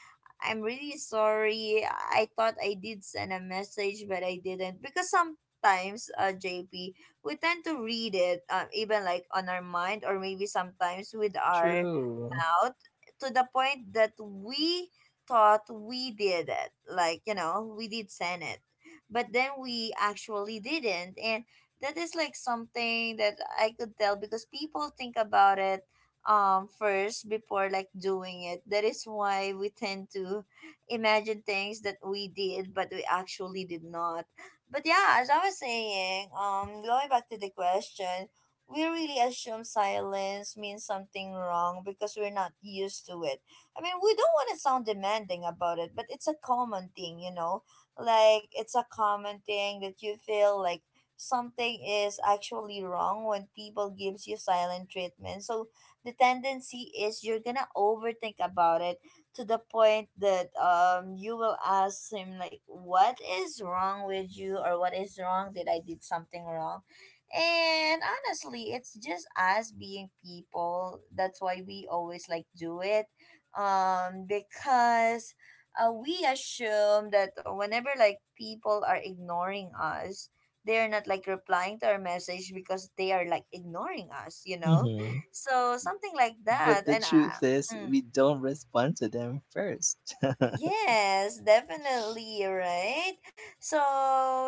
Speaker 1: I'm really sorry, I thought I did send a message but I didn't. Because sometimes, JP, we tend to read it, even like on our mind, or maybe sometimes with our
Speaker 2: true.
Speaker 1: out, to the point that we thought we did it. Like, you know, we did send it. But then we actually didn't. And that is like something that I could tell, because people think about it, first before like doing it. That is why we tend to imagine things that we did but we actually did not. But yeah, as I was saying, going back to the question, we really assume silence means something wrong because we're not used to it. I mean, we don't want to sound demanding about it, but it's a common thing, you know? Like, it's a common thing that you feel like something is actually wrong when people gives you silent treatment. So the tendency is you're gonna overthink about it to the point that, you will ask him like, what is wrong with you, or what is wrong, did I did something wrong? And honestly, it's just us being people. That's why we always like do it. Because, we assume that whenever like people are ignoring us, they're not like replying to our message because they are like ignoring us, you know.
Speaker 2: Hmm.
Speaker 1: So something like that.
Speaker 2: But the
Speaker 1: And
Speaker 2: truth is,
Speaker 1: I,
Speaker 2: we don't respond to them first.
Speaker 1: yes, definitely, right? So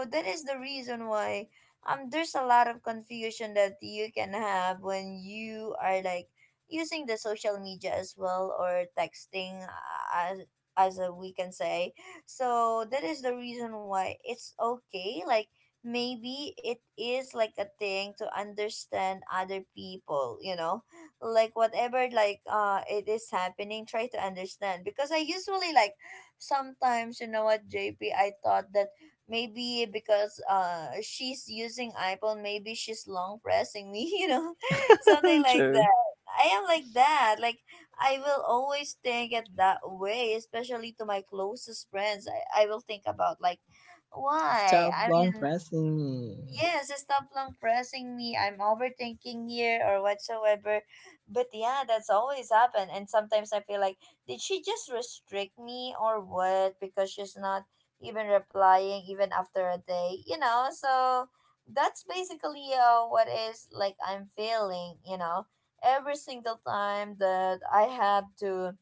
Speaker 1: that is the reason why, there's a lot of confusion that you can have when you are like using the social media as well, or texting, as as, we can say. So that is the reason why it's okay, like, maybe it is like a thing to understand other people, you know? Like whatever like it is happening, try to understand. Because I usually like, sometimes, you know what JP, I thought that maybe because she's using iPhone, maybe she's long pressing me, you know, something like
Speaker 2: True.
Speaker 1: that. I am like that, like, I will always think it that way, especially to my closest friends. I will think about like, why,
Speaker 2: Stop
Speaker 1: I
Speaker 2: long
Speaker 1: mean,
Speaker 2: pressing me.
Speaker 1: yes, stop long pressing me. I'm overthinking here or whatsoever. But yeah, that's always happened. And sometimes I feel like, did she just restrict me or what? Because she's not even replying even after a day, you know. So that's basically, what is like I'm feeling, you know. Every single time that I have to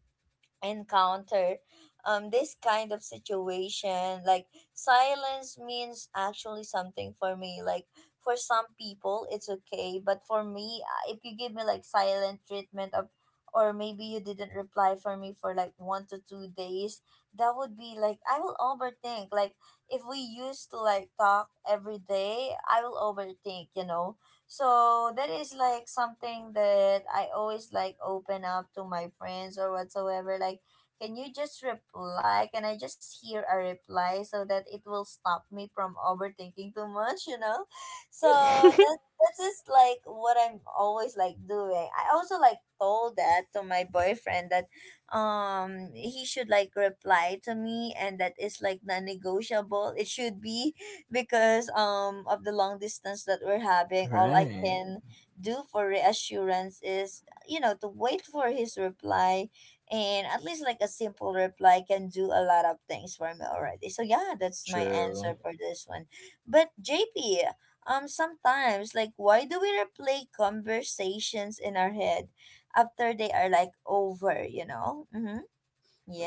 Speaker 1: encounter, this kind of situation, like, silence means actually something for me. Like, for some people it's okay, but for me, if you give me like silent treatment of, or maybe you didn't reply for me for like 1 to 2 days, that would be like, I will overthink like, if we used to like talk every day, I will overthink, you know. So that is like something that I always like open up to my friends or whatsoever. Like, can you just reply? Can I just hear a reply so that it will stop me from overthinking too much, you know? So that that's just like what I'm always like doing. I also like told that to my boyfriend that, he should like reply to me, and that is like non negotiable. It should be, because of the long distance that we're having, all I
Speaker 2: Right.
Speaker 1: can do for reassurance is, you know, to wait for his reply. And at least like a simple reply can do a lot of things for me already. So yeah, that's my
Speaker 2: True.
Speaker 1: answer for this one. But JP, sometimes, like, why do we replay conversations in our head after they are like over, you know? Mm-hmm.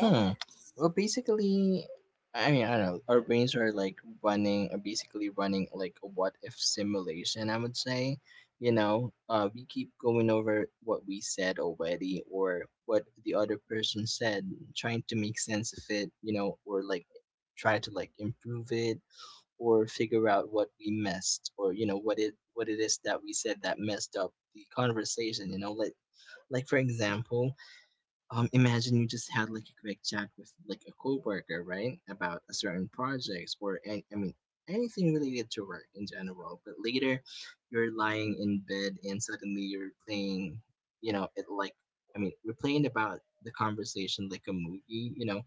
Speaker 2: Hmm. Well, basically, I mean, I don't know. Our brains are like running, are basically running like a what if simulation, I would say. You know, we keep going over what we said already or what the other person said, trying to make sense of it, you know, or like try to like improve it, or figure out what we missed, or, you know, what it is that we said that messed up the conversation, you know, like for example, imagine you just had like a quick chat with like a coworker, right, about a certain projects or I mean anything related to work in general. But later, you're lying in bed and suddenly you're playing, you know, it like, I mean, we're playing about the conversation like a movie, you know,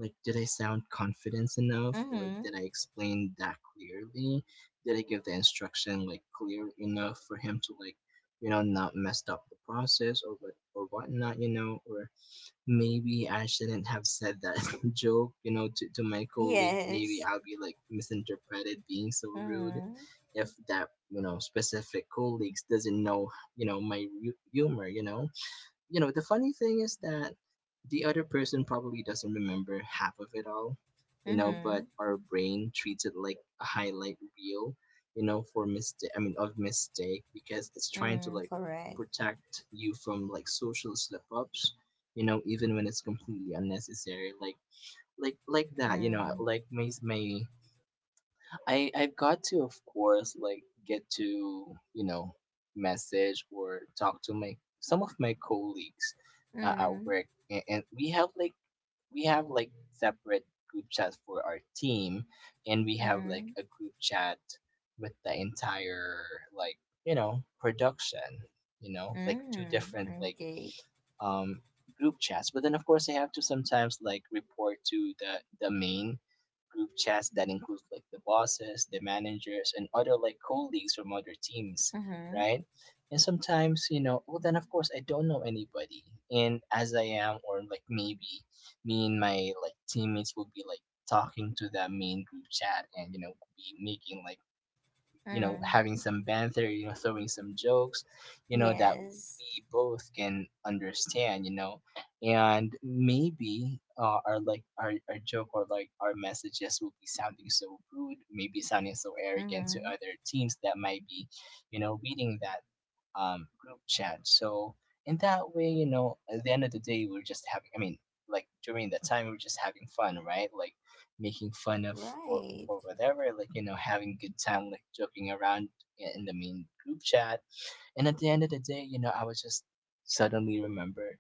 Speaker 2: like did I sound confident enough, or
Speaker 1: Mm-hmm.
Speaker 2: did I explain that clearly? Did I give the instruction like clear enough for him to like, you know, not messed up the process, or what, or whatnot, you know? Or maybe I shouldn't have said that joke, you know, to, my colleague. Maybe
Speaker 1: Yes.
Speaker 2: I'll be like misinterpreted being so rude
Speaker 1: Mm-hmm.
Speaker 2: if that, you know, specific colleagues doesn't know, you know, my humor, you know. You know, the funny thing is that the other person probably doesn't remember half of it all, you know,
Speaker 1: Mm-hmm.
Speaker 2: but our brain treats it like a highlight reel, you know, for mistake, I mean, of mistake, because it's trying to
Speaker 1: Mm,
Speaker 2: like
Speaker 1: correct.
Speaker 2: protect you from like social slip ups, you know, even when it's completely unnecessary, like, that, you know,
Speaker 1: Mm,
Speaker 2: like my I've got to, of course, like get to, you know, message or talk to my some of my colleagues at
Speaker 1: mm,
Speaker 2: work, and we have like separate group chats for our team, and we have like
Speaker 1: mm,
Speaker 2: a group chat with the entire like, you know, production, you know, like two
Speaker 1: mm,
Speaker 2: different like
Speaker 1: okay.
Speaker 2: um group chats. But then of course I have to sometimes like report to the main group chats that include like the bosses, the managers, and other like colleagues from other teams,
Speaker 1: Mm-hmm,
Speaker 2: right? And sometimes, you know, well, then of course I don't know anybody. And as I am, or like maybe me and my like teammates will be like talking to that main group chat and, you know, be making like, you know,
Speaker 1: mm,
Speaker 2: having some banter, you know, throwing some jokes, you know, that
Speaker 1: yes.
Speaker 2: we both can understand, you know. And maybe our like our joke, or like our messages will be sounding so rude, maybe sounding so arrogant to
Speaker 1: Mm-hmm,
Speaker 2: other teams that might be, you know, reading that group chat. So in that way, you know, at the end of the day, we're just having. I mean, like during that time, we're just having fun, right? Like making fun of or
Speaker 1: right,
Speaker 2: or whatever. Like, you know, having good time, like joking around in the main group chat. And at the end of the day, you know, I was just suddenly remember,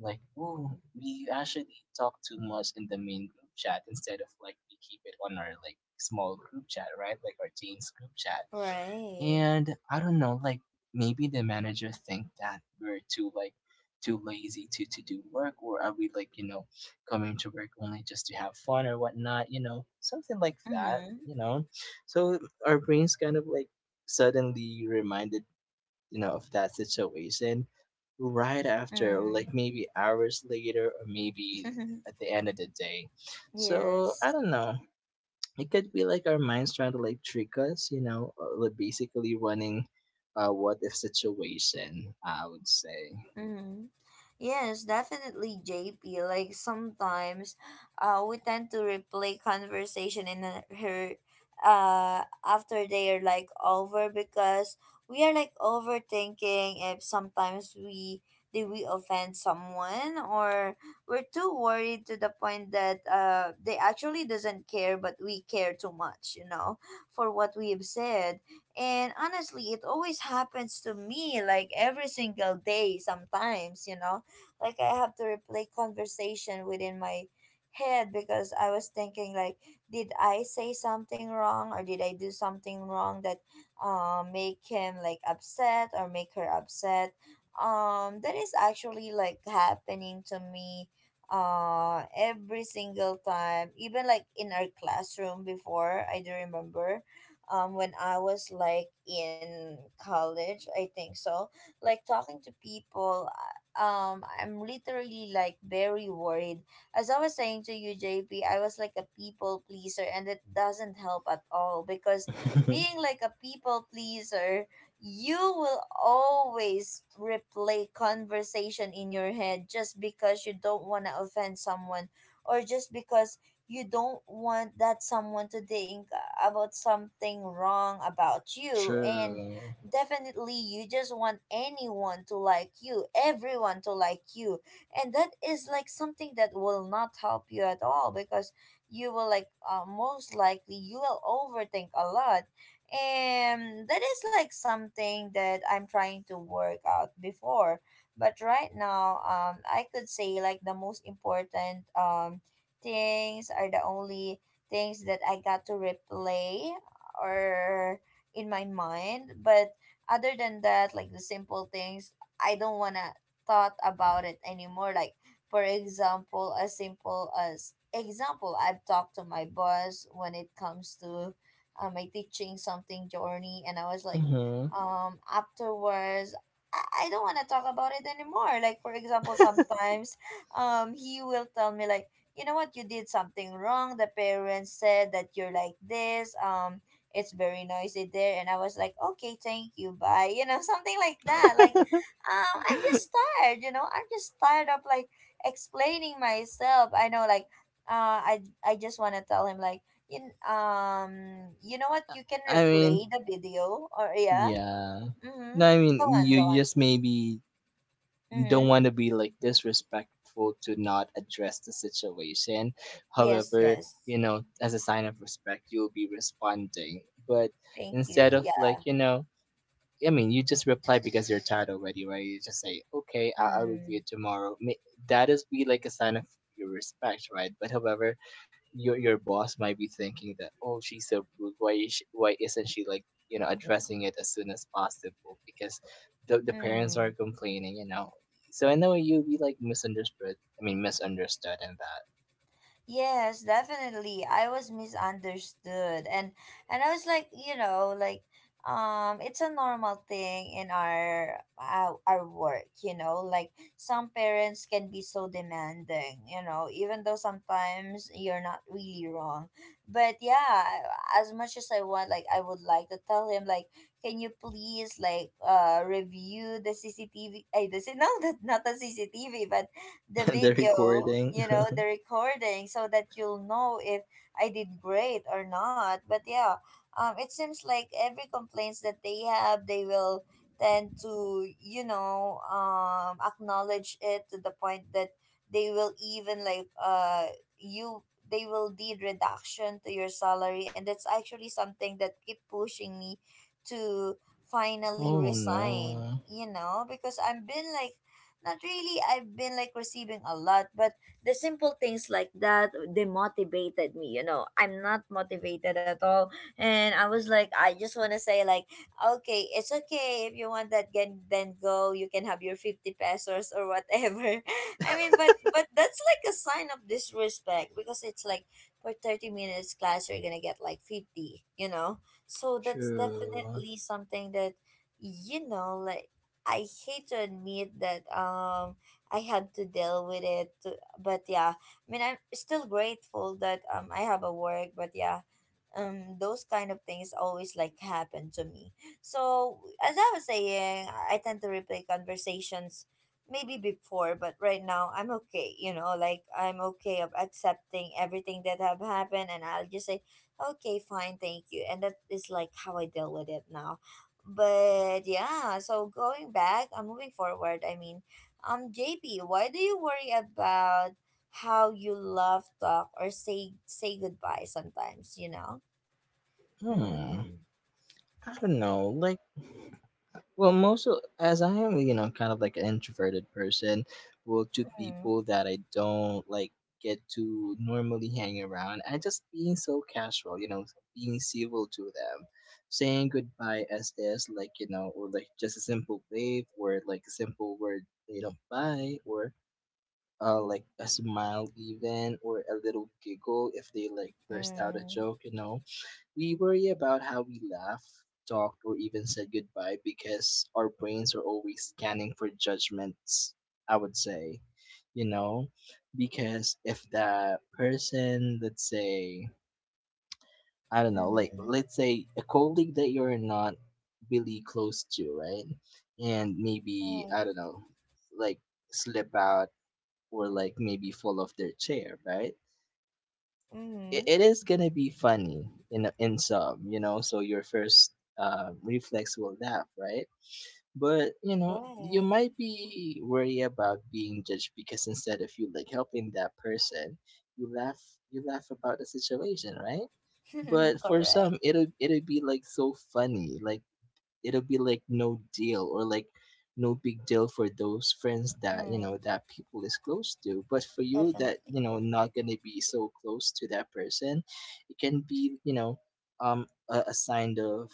Speaker 2: like, oh, we actually talk too much in the main group chat instead of like we keep it on our like small group chat, right? Like our teens group chat.
Speaker 1: right.
Speaker 2: And I don't know, like maybe the manager think that we're too like too lazy to do work, or are we like you know coming to work only just to have fun or whatnot, you know, something like that,
Speaker 1: Mm-hmm,
Speaker 2: you know? So our brains kind of like suddenly reminded, you know, of that situation right after, or like
Speaker 1: mm.
Speaker 2: maybe hours later, or maybe at the end of the day. So I
Speaker 1: Yes.
Speaker 2: don't know, it could be like our minds trying to like trick us, you know, like basically running a what if situation, I would say.
Speaker 1: Mm-hmm. Yes, definitely, JP. Like sometimes, we tend to replay conversation in after they are like over, because we are like overthinking if sometimes we did, we offend someone, or we're too worried to the point that, they actually doesn't care but we care too much, you know, for what we have said. And honestly, it always happens to me like every single day sometimes, you know? Like, I have to replay conversation within my head because I was thinking like, did I say something wrong, or did I do something wrong that, make him like upset or make her upset? That is actually like happening to me, every single time. Even like in our classroom before, I do remember, when I was like in college, I think so. Like talking to people, I'm literally like very worried. As I was saying to you, J P, I was like a people pleaser, and it doesn't help at all because, being like a people pleaser, you will always replay conversation in your head just because you don't want to offend someone, or just because you don't want that someone to think about something wrong about you. And
Speaker 2: True.
Speaker 1: definitely you just want anyone to like you, everyone to like you. And that is like something that will not help you at all, because you will like, most likely you will overthink a lot. And that is like something that I'm trying to work out before, but right now, I could say like the most important, things are the only things that I got to replay or in my mind. But other than that, like the simple things, I don't wanna thought about it anymore. Like, for example, as simple as example, I've talked to my boss when it comes to, my teaching something journey, and I was like,
Speaker 2: Hmm.
Speaker 1: afterwards, I don't want to talk about it anymore. Like, for example, sometimes he will tell me like, you know what, you did something wrong, the parents said that you're like this, it's very noisy there. And I was like, okay, thank you, bye, you know. Something like that. Like, I'm just tired, you know, I'm just tired of like explaining myself. I know like, uh i I just want to tell him like, you kn- um you know what, you can
Speaker 2: I mean,
Speaker 1: replay the video. Or yeah,
Speaker 2: yeah. No,
Speaker 1: mm-hmm,
Speaker 2: I mean,
Speaker 1: go on,
Speaker 2: you
Speaker 1: go on,
Speaker 2: just maybe don't
Speaker 1: mm-hmm,
Speaker 2: want to be like disrespectful to not address the situation.
Speaker 1: yes,
Speaker 2: However,
Speaker 1: yes,
Speaker 2: you know, as a sign of respect, you'll be responding. But
Speaker 1: thank you,
Speaker 2: instead of like,
Speaker 1: yeah,
Speaker 2: you know, I mean, you just reply because you're tired already, right? You just say, "Okay, I- I'll review
Speaker 1: mm-hmm.
Speaker 2: it tomorrow." Ma- That is be like a sign of your respect, right? But however, your boss might be thinking that, "Oh, she's so rude. Why is she, why isn't she like you know addressing it as soon as possible?" Because the parents
Speaker 1: Mm-hmm.
Speaker 2: are complaining, you know. So in I way, you'll be like misunderstood. I mean, misunderstood in
Speaker 1: Yes, definitely. I was misunderstood. And I was like, you know, like, it's a normal thing in our work, you know, like some parents can be so demanding, you know, even though sometimes you're not really wrong. But yeah, as much as I want, like, I would like to tell him like, can you please like, review the CCTV? I this no, that not the CCTV, the
Speaker 2: that the
Speaker 1: video,
Speaker 2: recording.
Speaker 1: you know, the recording, so that you'll know if I did great or not. But yeah, it seems like every complaints that they have, they will tend to, you know, acknowledge it to the point that they will even like, you they will deed reduction to your salary. And that's actually something that keep pushing me to finally
Speaker 2: Oh
Speaker 1: resign,
Speaker 2: no,
Speaker 1: you know, because I've been like, not really, I've been like receiving a lot, but the simple things like that they motivated me, you know. I'm not motivated at all. And I was like, I just wanna say like, okay, it's okay if you want that then go, you can have your 50 pesos or whatever. I mean but that's like a sign of disrespect because it's like for 30 minutes class you're gonna get like 50. So that's
Speaker 2: true.
Speaker 1: definitely something that. you know like I hate to admit that I had to deal with it, but yeah, I mean I'm still grateful that I have a work, but yeah, those kind of things always like happen to me. So as I was saying, I tend to replay conversations maybe before, but right now I'm okay. You know, like I'm okay of accepting everything that have happened, and I'll just say, okay, fine, thank you, and that is like how I deal with it now. But yeah, so going back, moving forward, JP, why do you worry about how you love, talk or say goodbye sometimes, you know?
Speaker 2: Hmm.
Speaker 1: Mm-hmm.
Speaker 2: I don't know, like. Well, most of, as I am, you know, kind of like an introverted person, well, to
Speaker 1: Mm-hmm.
Speaker 2: people that I don't like get to normally hang around, I just being so casual, you know, being civil to them, saying goodbye as is, like, you know, or like just a simple wave or like a simple word, you know, bye, or like a smile, even, or a little giggle if they like burst out a
Speaker 1: Mm-hmm.
Speaker 2: joke, you know, we worry about how we laugh, talked, or even said goodbye because our brains are always scanning for judgments, I would say. You know, because if that person, let's say, I don't know, like,
Speaker 1: Mm-hmm.
Speaker 2: let's say a colleague that you're not really close to, right? And maybe, I
Speaker 1: Right.
Speaker 2: don't know, like slip out or like maybe fall off their chair, right? it,
Speaker 1: Mm-hmm.
Speaker 2: it is gonna be funny in some, you know. So your first reflex will laugh, right? But you know, you
Speaker 1: Right.
Speaker 2: might be worried about being judged because instead of you like helping that person, you laugh, you laugh about the situation, right? But for
Speaker 1: Correct.
Speaker 2: some, it'll it'll be like so funny, like it'll be like no deal, or like no big deal for those friends that you know
Speaker 1: Mm,
Speaker 2: that people is close to, but for you that
Speaker 1: definitely.
Speaker 2: you know not gonna be so close to that person, it can be, you know, a sign of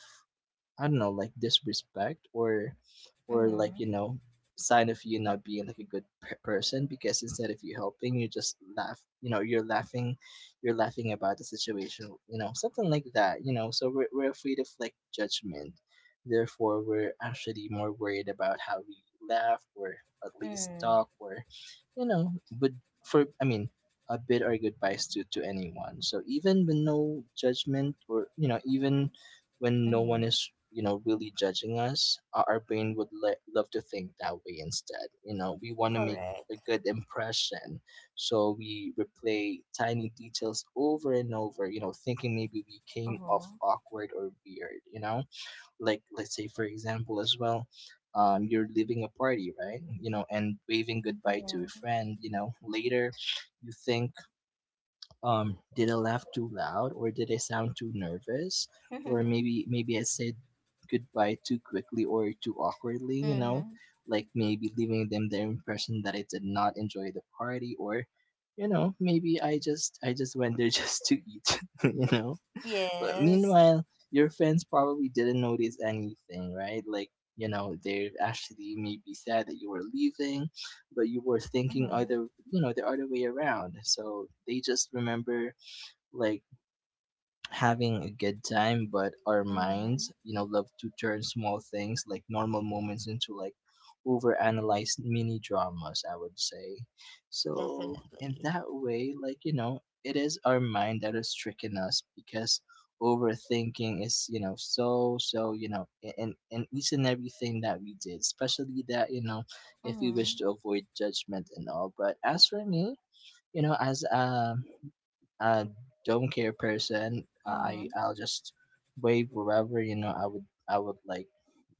Speaker 2: I don't know, like disrespect, or like
Speaker 1: Mm-hmm.
Speaker 2: you know sign of you not being like a good p- person, because instead of you helping you just laugh, you know, you're laughing, you're laughing about the situation, you know, something like that, you know. So we're afraid of like judgment, therefore we're actually more worried about how we laugh, or at least
Speaker 1: Mm.
Speaker 2: talk, or you know, but for I mean a bit or goodbyes to anyone. So even with no judgment, or you know, even when no one
Speaker 1: Mm-hmm.
Speaker 2: is you know really judging us, our brain would le- love to think that way instead, you know, we want to make a
Speaker 1: Correct.
Speaker 2: good impression. So we replay tiny details over and over, you know, thinking maybe we came off
Speaker 1: Uh-huh.
Speaker 2: awkward or weird, you know, like let's say for example as well, you're leaving a party, right, you know, and waving goodbye to a
Speaker 1: Mm-hmm.
Speaker 2: friend, you know. Later you think, um, did I laugh too loud, or did I sound too nervous, or maybe maybe I said goodbye too quickly or too awkwardly, you know,
Speaker 1: Mm-hmm.
Speaker 2: like maybe leaving them the impression that I did not enjoy the party, or you know, maybe I just went there just to eat you know. But
Speaker 1: Yes.
Speaker 2: meanwhile, your friends probably didn't notice anything, right? Like, you know, they actually may be sad that you were leaving, but you were thinking
Speaker 1: Mm-hmm.
Speaker 2: other, you know, the other way around. So they just remember like having a good time, but our
Speaker 1: Mm-hmm.
Speaker 2: minds you know love to turn small things like normal moments into like overanalyzed mini dramas, I would say. So in
Speaker 1: Definitely.
Speaker 2: that way, like you know, it is our mind that is tricking us because overthinking is, you know, so so you know, I- in each and everything that we did, especially that you know if we wish
Speaker 1: Mm-hmm.
Speaker 2: to avoid judgment and all. But as for me, you know, as I don't care person,
Speaker 1: Mm-hmm.
Speaker 2: I I'll just wave wherever, you know. I would like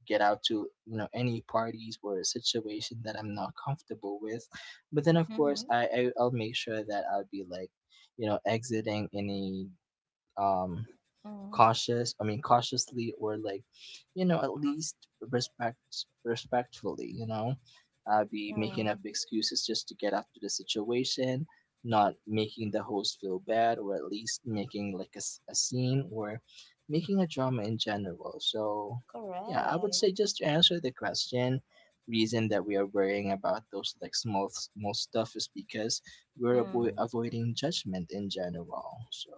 Speaker 2: get out to you know any parties or a situation that I'm not comfortable with. But then of course
Speaker 1: Mm-hmm.
Speaker 2: I I'll make sure that I'll be like you know exiting any um cautious, I mean, cautiously, or like you know at least respect respectfully, you know, be making up
Speaker 1: Mm-hmm.
Speaker 2: excuses just to get out of the situation, not making the host feel bad, or at least making like a, s- a scene, or making a drama in general. So yeah, I would
Speaker 1: Correct.
Speaker 2: say just to answer the question, reason that we are worrying about those like small small stuff is because we're avo-
Speaker 1: Mm.
Speaker 2: avoiding judgment in general. So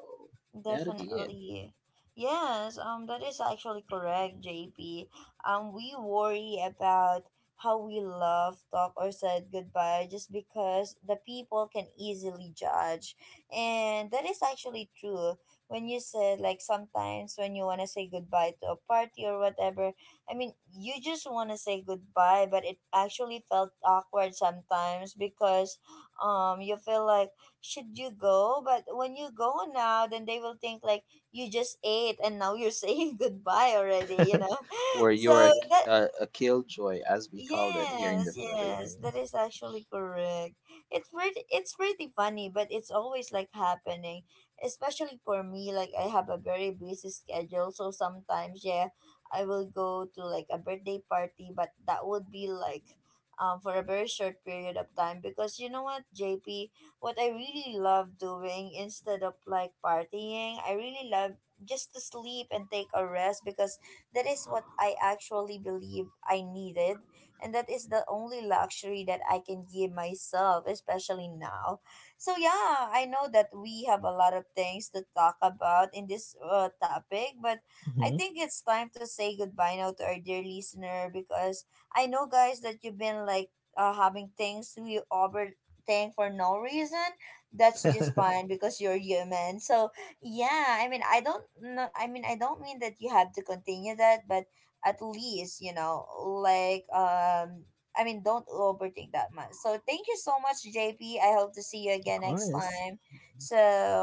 Speaker 2: that'll be it.
Speaker 1: Definitely. Yes, that is actually correct, JP. We worry about how we love, talk or said goodbye just because the people can easily judge. And that is actually true. When you said, like sometimes when you wanna say goodbye to a party or whatever, I mean you just wanna say goodbye but it actually felt awkward sometimes because you feel like, should you go? But when you go now, then they will think like you just ate and now you're saying goodbye already, you know?
Speaker 2: Or
Speaker 1: So
Speaker 2: you're a, k-
Speaker 1: that
Speaker 2: a killjoy, as we call it here in
Speaker 1: Yes,
Speaker 2: the
Speaker 1: yes,
Speaker 2: Philippines.
Speaker 1: that is actually correct. It's pretty funny, but it's always like happening, especially for me. Like I have a very busy schedule, so sometimes, yeah, I will go to like a birthday party, but that would be like, for a very short period of time because you know what, JP, what I really love doing instead of like partying, I really love just to sleep and take a rest because that is what I actually believe I needed, and that is the only luxury that I can give myself, especially now. So yeah, I know that we have a lot of things to talk about in this topic, but I
Speaker 2: Hmm.
Speaker 1: think it's time to say goodbye now to our dear listener because I know, guys, that you've been like having things to you overthink for no reason. That's just
Speaker 2: Of
Speaker 1: fine because you're human. So yeah, I mean I don't know, I mean I don't mean that you have to continue that, but at least you know, like don't overthink that much. So thank you so much, JP, I hope to see you again next
Speaker 2: course.
Speaker 1: time. So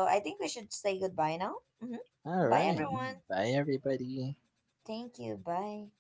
Speaker 1: I think we should say goodbye now. Hmm.
Speaker 2: All
Speaker 1: Bye,
Speaker 2: right.
Speaker 1: everyone.
Speaker 2: Bye, everybody.
Speaker 1: Thank you, bye.